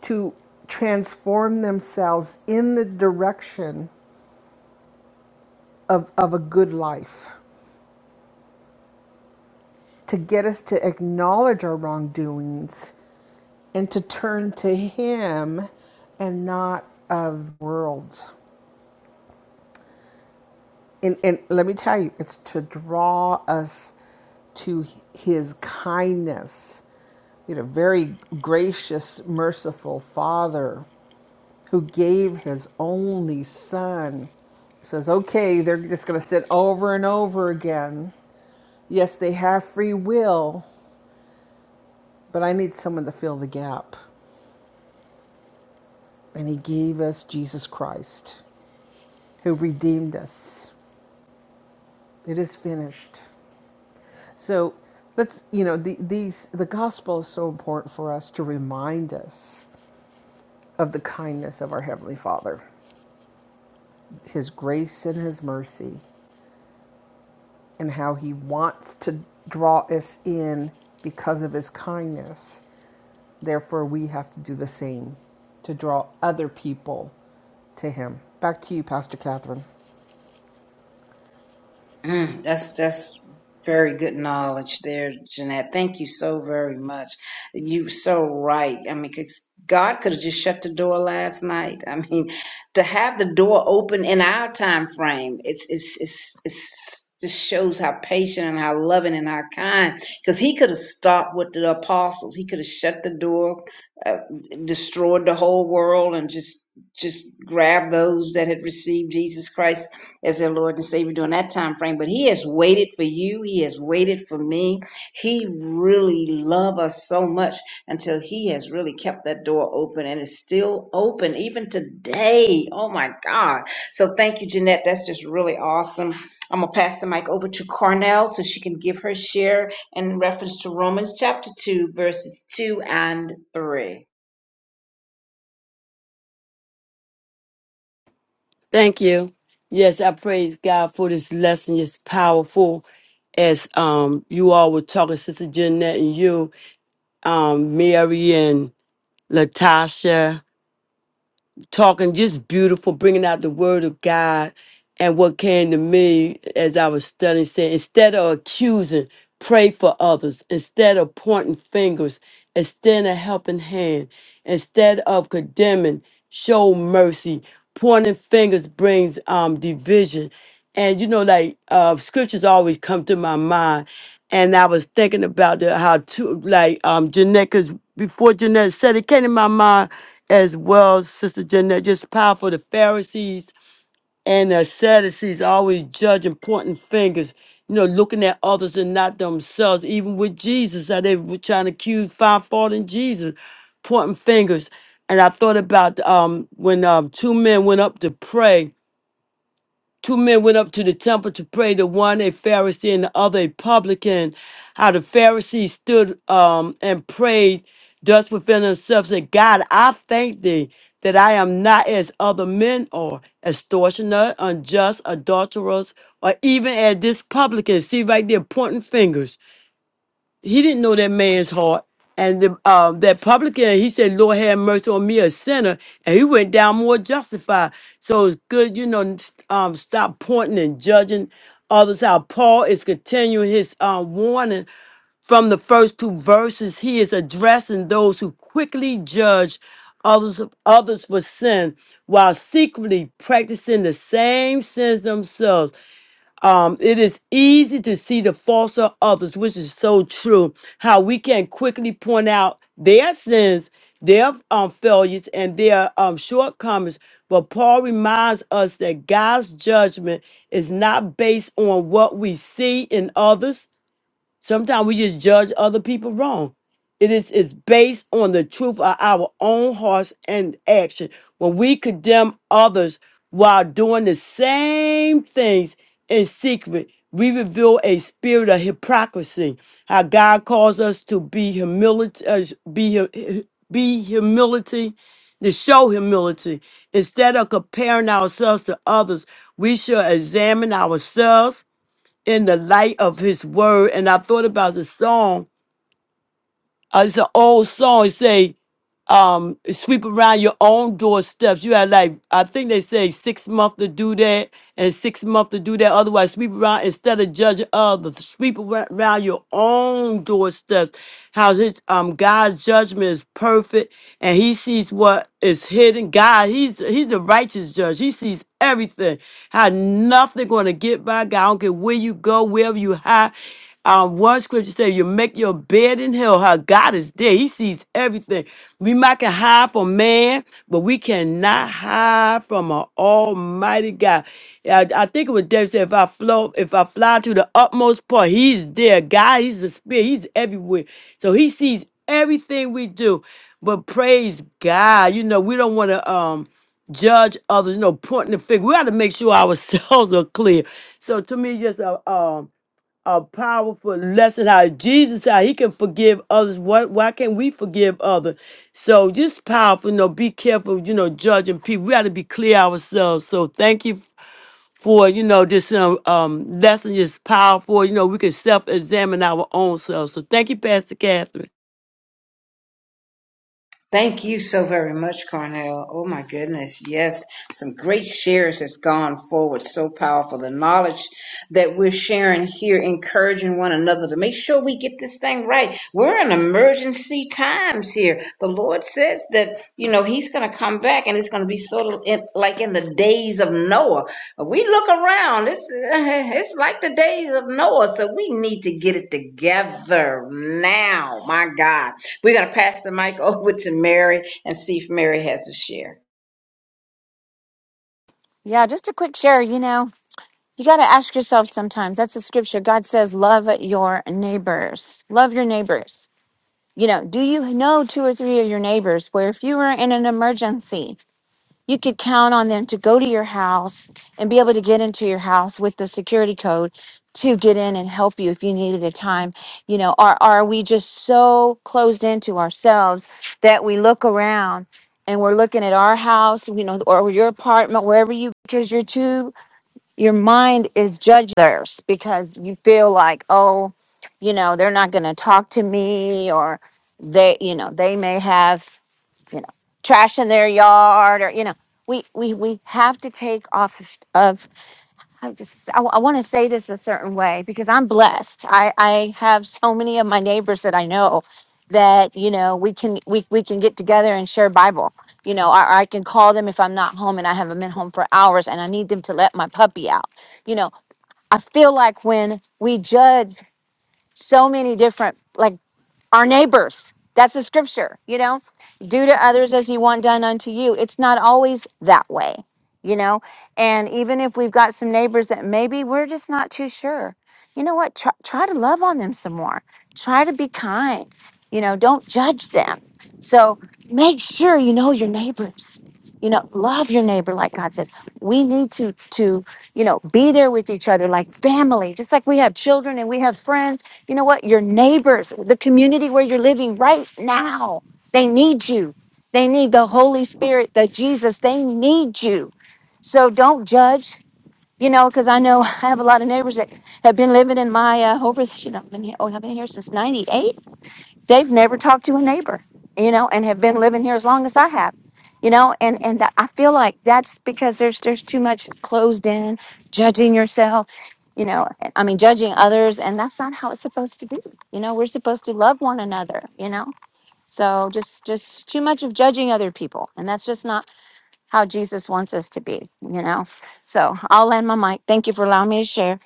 S5: to transform themselves in the direction of, of a good life to get us to acknowledge our wrongdoings and to turn to Him and not of worlds. And, and let me tell you, it's to draw us to His kindness. You know, very gracious, merciful Father who gave His only Son. He says, okay, they're just going to sit over and over again. Yes, they have free will, but I need someone to fill the gap. And He gave us Jesus Christ. who redeemed us. It is finished. So let's, you know, the, these, the gospel is so important for us to remind us of the kindness of our Heavenly Father, His grace and His mercy, and how He wants to draw us in because of His kindness. Therefore, we have to do the same to draw other people to Him. Back to you, Pastor Catherine.
S2: Mm, that's that's very good knowledge there, Jeanette. Thank you so very much. You so right. I mean, 'cause God could have just shut the door last night. I mean, to have the door open in our time frame, it's it's it's it's just shows how patient and how loving and how kind. Because He could have stopped with the apostles. He could have shut the door, uh, destroyed the whole world, and just just grabbed those that had received Jesus Christ as their Lord and Savior during that time frame. But He has waited for you. He has waited for me. He really loved us so much until He has really kept that door open and it's still open even today. Oh my God. So thank you, Jeanette. That's just really awesome. I'm gonna pass the mic over to Cornell so she can give her share in reference to Romans chapter two, verses two and three.
S3: Thank you. Yes, I praise God for this lesson. It's powerful. As um you all were talking, Sister Jeanette and you, um, Mary and Latasha talking just beautiful, bringing out the word of God. And what came to me as I was studying said, instead of accusing, pray for others. Instead of pointing fingers, extend a helping hand. Instead of condemning, show mercy. Pointing fingers brings um, division and you know like uh scriptures always come to my mind and i was thinking about the, how to like um jeanette because before jeanette said it came to my mind as well sister jeanette just powerful the pharisees and the sadducees always judging pointing fingers you know looking at others and not themselves even with jesus how they were trying to accuse find fault in jesus pointing fingers and i thought about um when um two men went up to pray Two men went up to the temple to pray, the one a Pharisee and the other a publican. How the Pharisee stood um, and prayed thus within himself, said, God, I thank thee that I am not as other men are, extortioner, unjust, adulterers, or even as this publican. See right there, pointing fingers he didn't know that man's heart. And the, um, that publican, he said, Lord, have mercy on me, a sinner. And he went down more justified. So it's good, you know, n- um, stop pointing and judging others out. Paul is continuing his um, warning from the first two verses. He is addressing those who quickly judge others others for sin while secretly practicing the same sins themselves. Um, it is easy to see the faults of others, which is so true. How we can quickly point out their sins, their um, failures, and their um, shortcomings. But Paul reminds us that God's judgment is not based on what we see in others Sometimes we just judge other people wrong. It is it's based on the truth of our own hearts and action. When we condemn others while doing the same things in secret, we reveal a spirit of hypocrisy. How God calls us to be humility, uh, be hu- be humility, to show humility. Instead of comparing ourselves to others, we should examine ourselves in the light of his word. And I thought about the song uh, it's an old song. It say, um, sweep around your own doorsteps. You had like, I think they say six months to do that and six months to do that. Otherwise, sweep around instead of judging others. Sweep ar- around your own doorsteps. How his um God's judgment is perfect and he sees what is hidden. God, he's he's a righteous judge. He sees everything. How nothing gonna get by God. I don't care where you go, wherever you hide. Um, one scripture says, You make your bed in hell, how God is there. He sees everything. We might can hide from man, but we cannot hide from an almighty God. Yeah, I, I think it was David said, if I flow, if I fly to the utmost part, he's there. God, he's the spirit, he's everywhere. So he sees everything we do. But praise God. You know, we don't want to um judge others, you know, pointing the finger. We got to make sure ourselves are clear. So to me, just a um a powerful lesson how Jesus how he can forgive others. What why can't we forgive others? So just powerful, you know, be careful, you know, judging people. We got to be clear ourselves. So thank you f- for, you know, this um, um lesson is powerful. You know, we can self-examine our own selves. So thank you, Pastor Catherine.
S2: Thank you so very much, Cornell. Oh my goodness. Yes. Some great shares has gone forward. So powerful. The knowledge that we're sharing here, encouraging one another to make sure we get this thing right. We're in emergency times here. The Lord says that, you know, he's going to come back and it's going to be sort of in, like in the days of Noah. We look around. It's, it's like the days of Noah. So we need to get it together now. My God. We're going to pass the mic over to Mary and see if Mary has a share.
S6: yeah just a quick share you know You got to ask yourself sometimes. That's the scripture. God says, Love your neighbors. Love your neighbors. You know, do you know two or three of your neighbors where if you were in an emergency, you could count on them to go to your house and be able to get into your house with the security code to get in and help you if you needed a time? You know, are, are we just so closed into ourselves that we look around and we're looking at our house, you know, or your apartment, wherever you, because you're too your mind is judge theirs because you feel like, oh, you know, they're not going to talk to me or they, you know, they may have, you know, trash in their yard or, you know, we, we, we have to take off of, I just I, want to say this a certain way because I'm blessed. I I have so many of my neighbors that I know that you know we can we we can get together and share Bible. You know, or I can call them if I'm not home and I haven't been home for hours and I need them to let my puppy out. You know, I feel like when we judge so many different like our neighbors. That's the scripture, you know. Do to others as you want done unto you. It's not always that way, you know. And even if we've got some neighbors that maybe we're just not too sure, you know what? Try, try to love on them some more. Try to be kind. You know, don't judge them. So make sure you know your neighbors. You know, love your neighbor like God says. We need to to you know be there with each other like family, just like we have children and we have friends you know what? Your neighbors, the community where you're living right now, they need you. They need the Holy Spirit, the Jesus. They need you. So don't judge, you know, because I know I have a lot of neighbors that have been living in my uh, over, you know, I've been here, oh, I've been here since 98 they've never talked to a neighbor, you know, and have been living here as long as I have, you know, and and that- I feel like that's because there's there's too much closed in judging yourself, you know. I mean, judging others, and that's not how it's supposed to be. You know, we're supposed to love one another, you know. So just just too much of judging other people, and that's just not how Jesus wants us to be, you know. So I'll end my mic. Thank you for allowing me to share.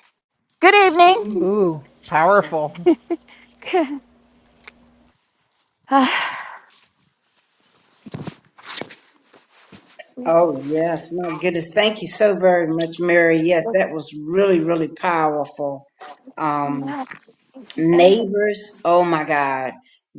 S6: Good evening.
S5: Ooh, powerful.
S2: Oh, yes. My goodness. Thank you so very much, Mary. Yes, that was really, really powerful. Um, neighbors oh my god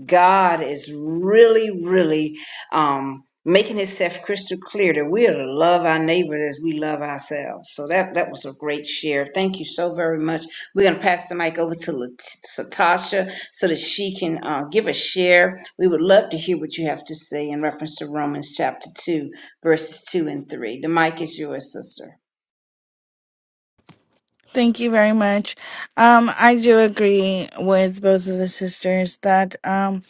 S2: god is really really um making himself crystal clear that we are to love our neighbor as we love ourselves so that that was a great share thank you so very much we're going to pass the mic over to Lat- Satasha so that she can uh, give a share we would love to hear what you have to say in reference to romans chapter 2 verses 2 and 3 the mic is yours sister
S7: Thank you very much. Um, I do agree with both of the sisters that um,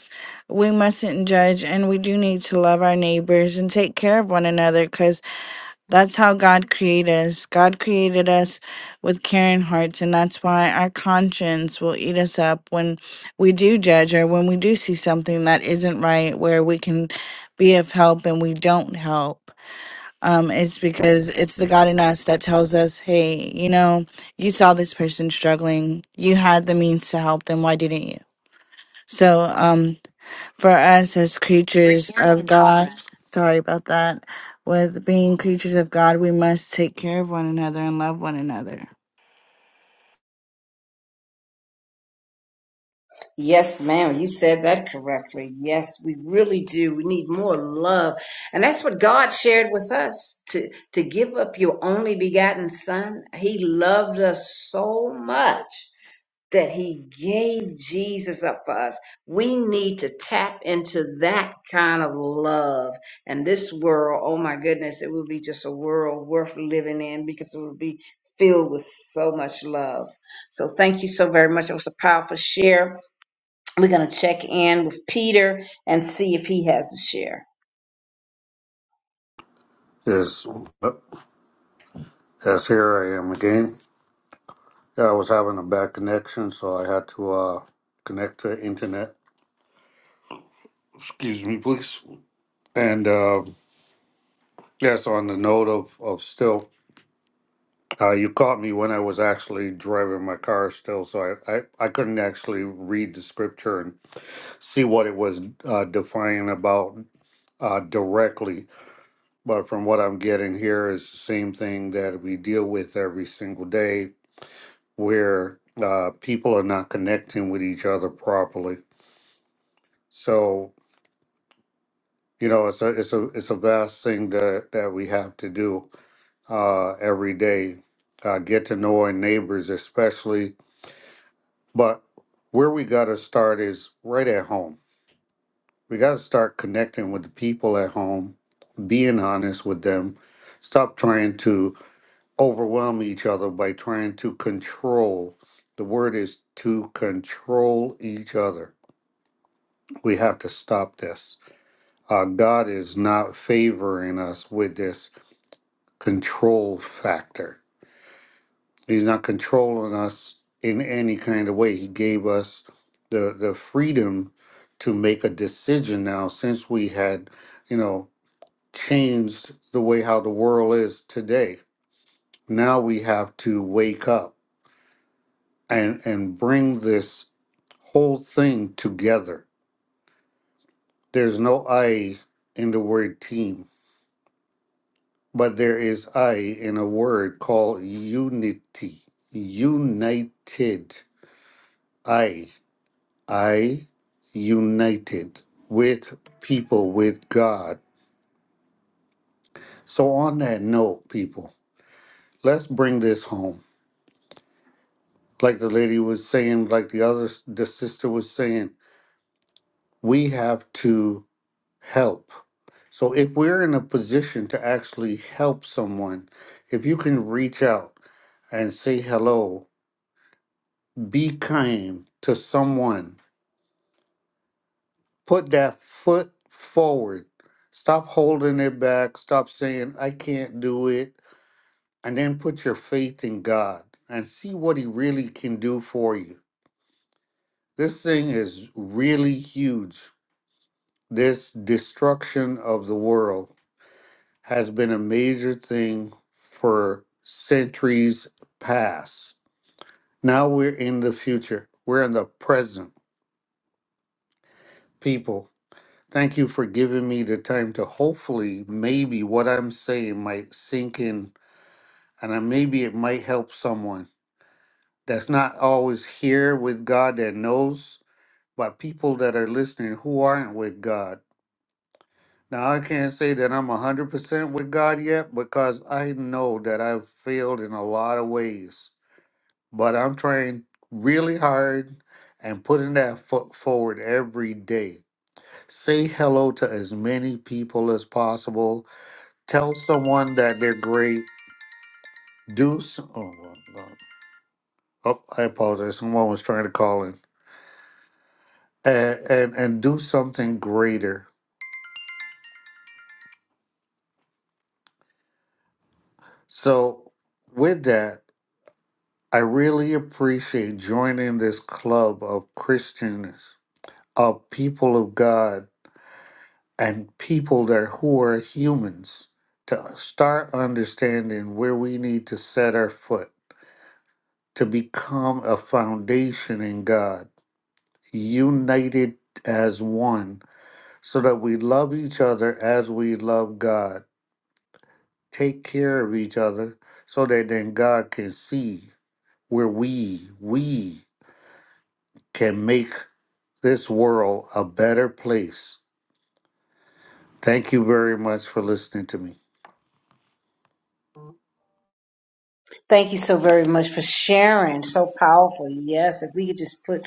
S7: we mustn't judge and we do need to love our neighbors and take care of one another because that's how God created us. God created us with caring hearts, and that's why our conscience will eat us up when we do judge or when we do see something that isn't right where we can be of help and we don't help. Um, it's because it's the God in us that tells us, hey, you know, you saw this person struggling. You had the means to help them. Why didn't you? So, um, for us as creatures of God, sorry about that, with being creatures of God, we must take care of one another and love one another.
S2: Yes, ma'am, you said that correctly. Yes, we really do. We need more love. And that's what God shared with us to, to give up your only begotten son. He loved us so much that he gave Jesus up for us. We need to tap into that kind of love. And this world, oh my goodness, it would be just a world worth living in because it would be filled with so much love. So thank you so very much. It was a powerful share. We're going to check in with Peter and see if he has a share.
S8: Yes, yep. yes, here I am again. Yeah, I was having a bad connection, so I had to uh, connect to internet. Excuse me, please. And uh, yes, on the note of, of still, uh, you caught me when I was actually driving my car still, so I, I, I couldn't actually read the scripture and see what it was uh, defining about uh, directly. But from what I'm getting here is the same thing that we deal with every single day where uh, people are not connecting with each other properly. So, you know, it's a it's a it's a vast thing that, that we have to do uh, every day. Uh, get to know our neighbors especially. But where we gotta start is right at home. We gotta start connecting with the people at home, being honest with them. Stop trying to overwhelm each other by trying to control. The word is to control each other. We have to stop this. Uh, God is not favoring us with this control factor. He's not controlling us in any kind of way. He gave us the the freedom to make a decision now since we had, you know, changed the way how the world is today. Now we have to wake up and and bring this whole thing together. There's no I in the word team, but there is I in a word called unity. United. I. I united with people, with God. So on that note, people, let's bring this home. Like the lady was saying, like the other the sister was saying, we have to help. So if we're in a position to actually help someone, if you can reach out and say hello, be kind to someone, put that foot forward. Stop holding it back. Stop saying, I can't do it. And then put your faith in God and see what He really can do for you. This thing is really huge. This destruction of the world. has been a major thing for centuries past. Now we're in the future, we're in the present. People, thank you for giving me the time to hopefully, maybe what I'm saying might sink in and I, maybe it might help someone that's not always here with God that knows, but people that are listening who aren't with God. Now, I can't say that I'm 100% with God yet because I know that I've failed in a lot of ways but I'm trying really hard and putting that foot forward every day. Say hello to as many people as possible. Tell someone that they're great. Do some, oh, no. oh, oh, I apologize. Someone was trying to call in and, and and do something greater. So with that, I really appreciate joining this club of Christians, of people of God and people that who are humans to start understanding where we need to set our foot to become a foundation in God, united as one, so that we love each other as we love God, take care of each other, so that then God can see where we we can make this world a better place. Thank you very much for listening to me.
S2: Thank you so very much for sharing. So powerful. Yes, if we could just put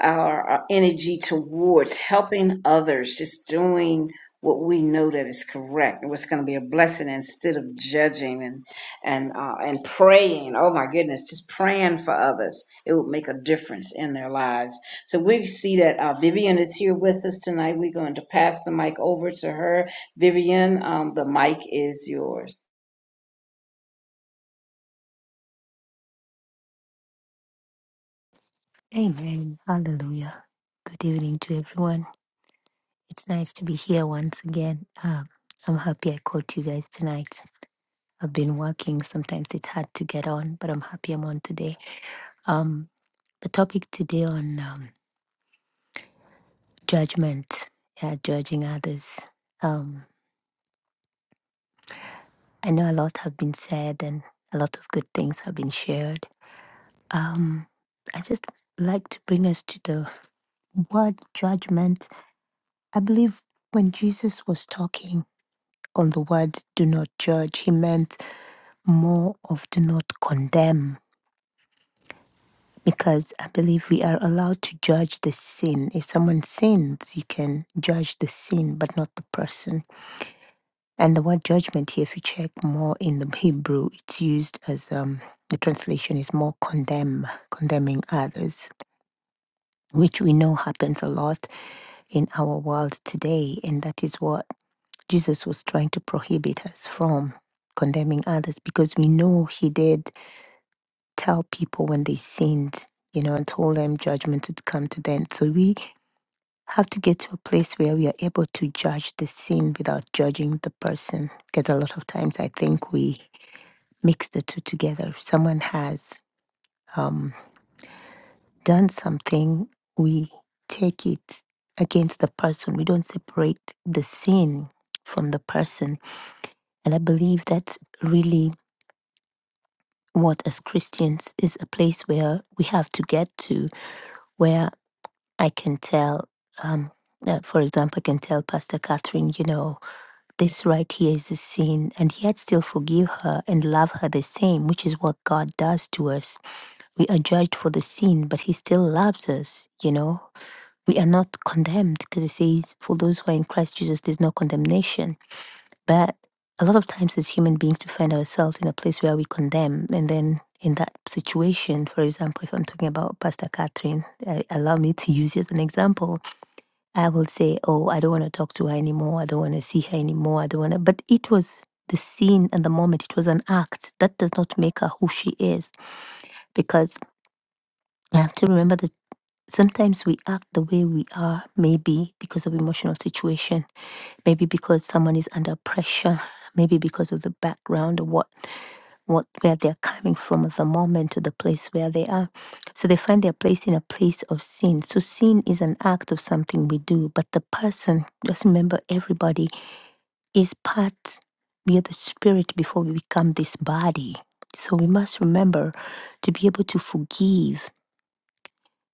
S2: our, our energy towards helping others, just doing what we know that is correct and what's going to be a blessing instead of judging and and uh, and praying. Oh my goodness, just praying for others. It would make a difference in their lives. So we see that uh, Vivian is here with us tonight. We're going to pass the mic over to her. Vivian, um, the mic is yours.
S9: Amen. Hallelujah. Good evening to everyone. It's nice to be here once again. Um, I'm happy I caught you guys tonight. I've been working. Sometimes it's hard to get on, but I'm happy I'm on today. Um, the topic today on um, judgment, yeah, judging others. Um, I know a lot have been said and a lot of good things have been shared. Um, I just like to bring us to the word judgment. I believe when Jesus was talking, on the word do not judge. He meant more of do not condemn because I believe we are allowed to judge the sin. If someone sins, you can judge the sin but not the person. And the word judgment here, if you check more in the Hebrew, it's used as um the translation is more condemn, condemning others, which we know happens a lot in our world today. And that is what Jesus was trying to prohibit us from condemning others because we know he did tell people when they sinned, you know, and told them judgment would come to them. So we have to get to a place where we are able to judge the sin without judging the person. Because a lot of times I think we mix the two together. If someone has um, done something, we take it against the person. We don't separate the sin from the person. And I believe that's really what, as Christians, is a place where we have to get to where. I can tell, um, uh, for example, I can tell Pastor Catherine, you know, this right here is a sin, and yet still forgive her and love her the same, which is what God does to us. We are judged for the sin, but He still loves us, you know. We are not condemned because it says, for those who are in Christ Jesus, there's no condemnation. But a lot of times as human beings, we find ourselves in a place where we condemn. And then in that situation, for example, if I'm talking about Pastor Catherine, uh, allow me to use you as an example I will say, Oh, I don't want to talk to her anymore. I don't want to see her anymore. I don't want to. But it was the scene and the moment. It was an act. That does not make her who she is. Because I have to remember that sometimes we act the way we are, maybe because of emotional situation, maybe because someone is under pressure, maybe because of the background or what what where they're coming from at the moment to the place where they are. So they find their place in a place of sin. So sin is an act of something we do, but the person, just remember everybody is part, we are the spirit before we become this body. So we must remember to be able to forgive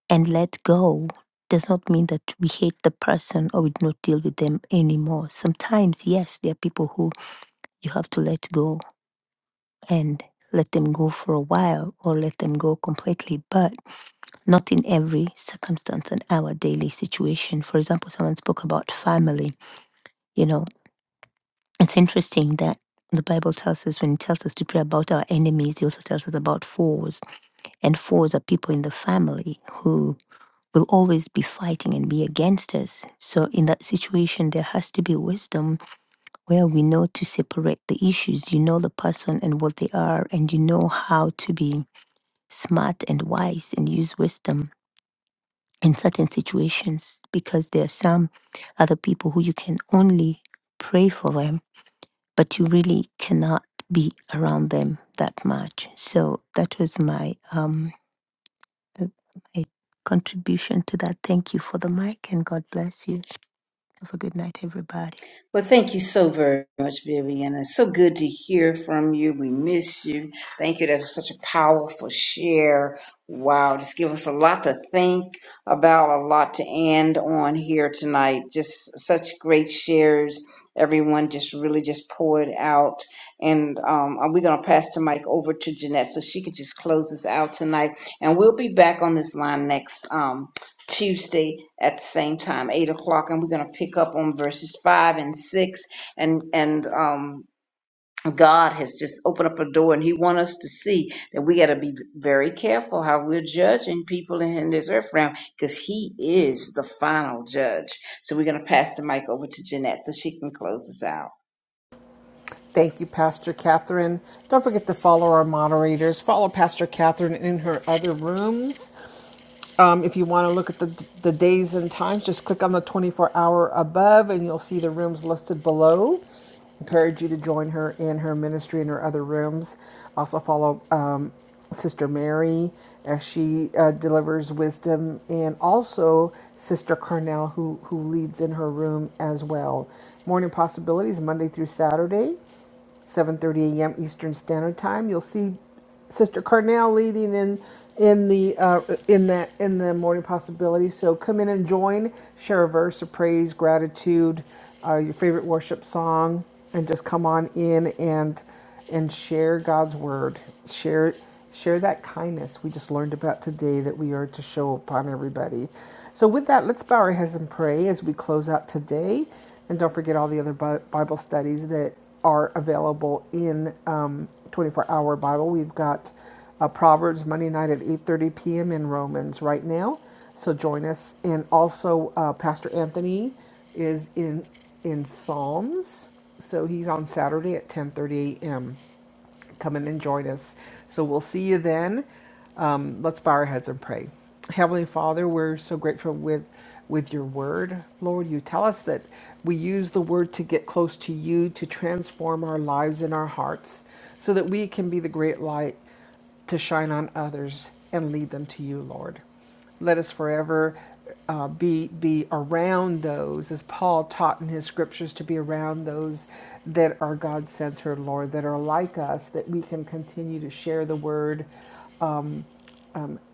S9: and let go does not mean that we hate the person or we do not deal with them anymore. Sometimes, yes, there are people who you have to let go and let them go for a while or let them go completely, but not in every circumstance and our daily situation. For example, someone spoke about family. You know, it's interesting that the Bible tells us when it tells us to pray about our enemies, it also tells us about foes. And foes are people in the family who will always be fighting and be against us. So in that situation, there has to be wisdom where we know to separate the issues. You know the person and what they are, and you know how to be smart and wise and use wisdom in certain situations because there are some other people who you can only pray for them, but you really cannot be around them that much. So that was my um uh, my contribution to that. Thank you for the mic and God bless you. Have a good night, everybody.
S2: Well, thank you so very much, Vivian. It's so good to hear from you. We miss you. Thank you. That was such a powerful share. Wow, just give us a lot to think about, a lot to end on here tonight. Just such great shares. Everyone just really just poured out. And um, uh, we're going to pass the mic over to Jeanette so she can just close us out tonight. And we'll be back on this line next. Um, Tuesday at the same time, eight o'clock, and we're gonna pick up on verses five and six. And and um, God has just opened up a door, and He want us to see that we got to be very careful how we're judging people in, in this earth realm, because He is the final judge. So we're gonna pass the mic over to Jeanette so she can close us out.
S5: Thank you, Pastor Catherine. Don't forget to follow our moderators. Follow Pastor Catherine in her other rooms. Um, if you want to look at the, the days and times, just click on the 24 hour above and you'll see the rooms listed below. Encourage you to join her in her ministry in her other rooms. Also, follow um, Sister Mary as she uh, delivers wisdom, and also Sister Carnell, who, who leads in her room as well. Morning Possibilities, Monday through Saturday. 7:30 a.m. Eastern Standard Time. You'll see Sister Carnell leading in in the uh, in that in the morning possibility. So come in and join, share a verse of praise, gratitude, uh, your favorite worship song, and just come on in and and share God's word. Share share that kindness we just learned about today that we are to show upon everybody. So with that, let's bow our heads and pray as we close out today. And don't forget all the other Bible studies that are available in um, 24-hour Bible. We've got uh, Proverbs Monday night at 8:30 p.m. in Romans right now. So join us. And also, uh, Pastor Anthony is in in Psalms so he's on Saturday at 10:30 a.m. Come in and join us. So we'll see you then. Um, let's bow our heads and pray. Heavenly Father, we're so grateful with with your word, Lord. You tell us that we use the word to get close to you, to transform our lives and our hearts, so that we can be the great light to shine on others and lead them to you, Lord. Let us forever uh, be be around those, as Paul taught in his scriptures, to be around those that are God centered, Lord, that are like us, that we can continue to share the word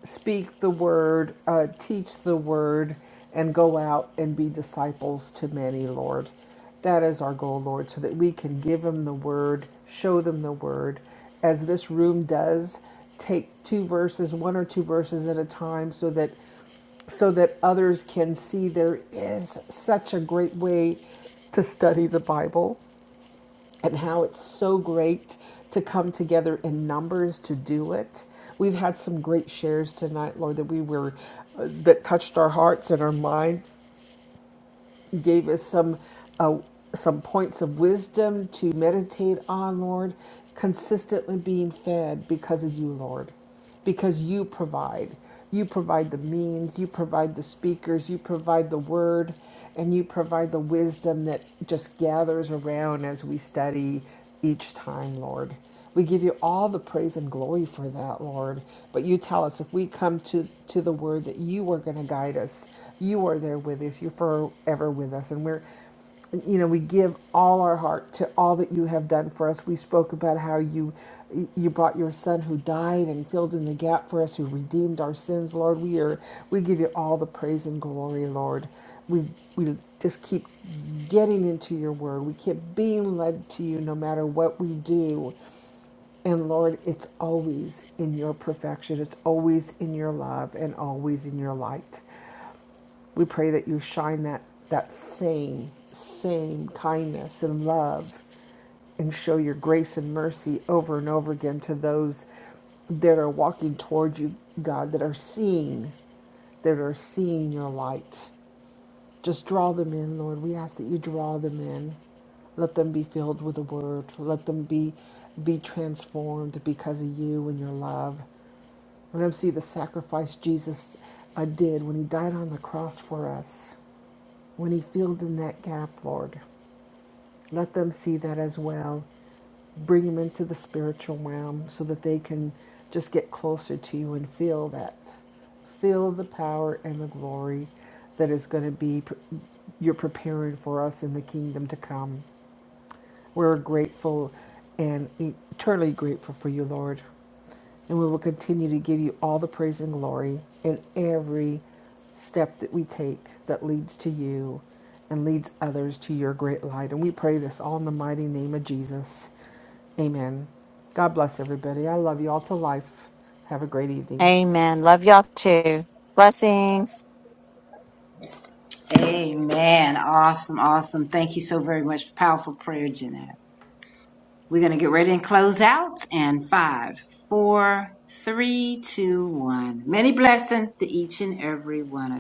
S5: speak the word, uh, teach the word, and go out and be disciples to many, Lord. That is our goal, Lord, so that we can give them the word, show them the word, as this room does. Take two verses, one or two verses at a time, so that so that others can see there is such a great way to study the Bible and how it's so great to come together in numbers to do it. We've had some great shares tonight, Lord, that we were uh, that touched our hearts and our minds, gave us some uh, some points of wisdom to meditate on, Lord. Consistently being fed because of you, Lord, because you provide. You provide the means, you provide the speakers, you provide the word, and you provide the wisdom that just gathers around as we study each time, Lord. We give you all the praise and glory for that, Lord. But you tell us if we come to, to the word that you are going to guide us, you are there with us, you're forever with us. And we're, you know, we give all our heart to all that you have done for us. We spoke about how you you brought your son who died and filled in the gap for us, who redeemed our sins, Lord. We are we give you all the praise and glory, Lord we we just keep getting into your word we keep being led to you no matter what we do and lord it's always in your perfection it's always in your love and always in your light we pray that you shine that that same same kindness and love and show your grace and mercy over and over again to those that are walking toward you god that are seeing that are seeing your light just draw them in, Lord. We ask that you draw them in. Let them be filled with the word. Let them be be transformed because of you and your love. Let them see the sacrifice Jesus uh, did when he died on the cross for us, when he filled in that gap, Lord. Let them see that as well bring them into the spiritual realm so that they can just get closer to you and feel that feel the power and the glory that is going to be you're preparing for us in the kingdom to come we're grateful and eternally grateful for you, Lord. And we will continue to give you all the praise and glory in every step that we take that leads to you and leads others to your great light. And we pray this all in the mighty name of Jesus. Amen. God bless everybody. I love you all to life. Have a great evening.
S6: Amen. Love y'all too. Blessings.
S2: Amen. Awesome, awesome. Thank you so very much. Powerful prayer, Jeanette. We're going to get ready and close out. And five, four, three, two, one. Many blessings to each and every one of you.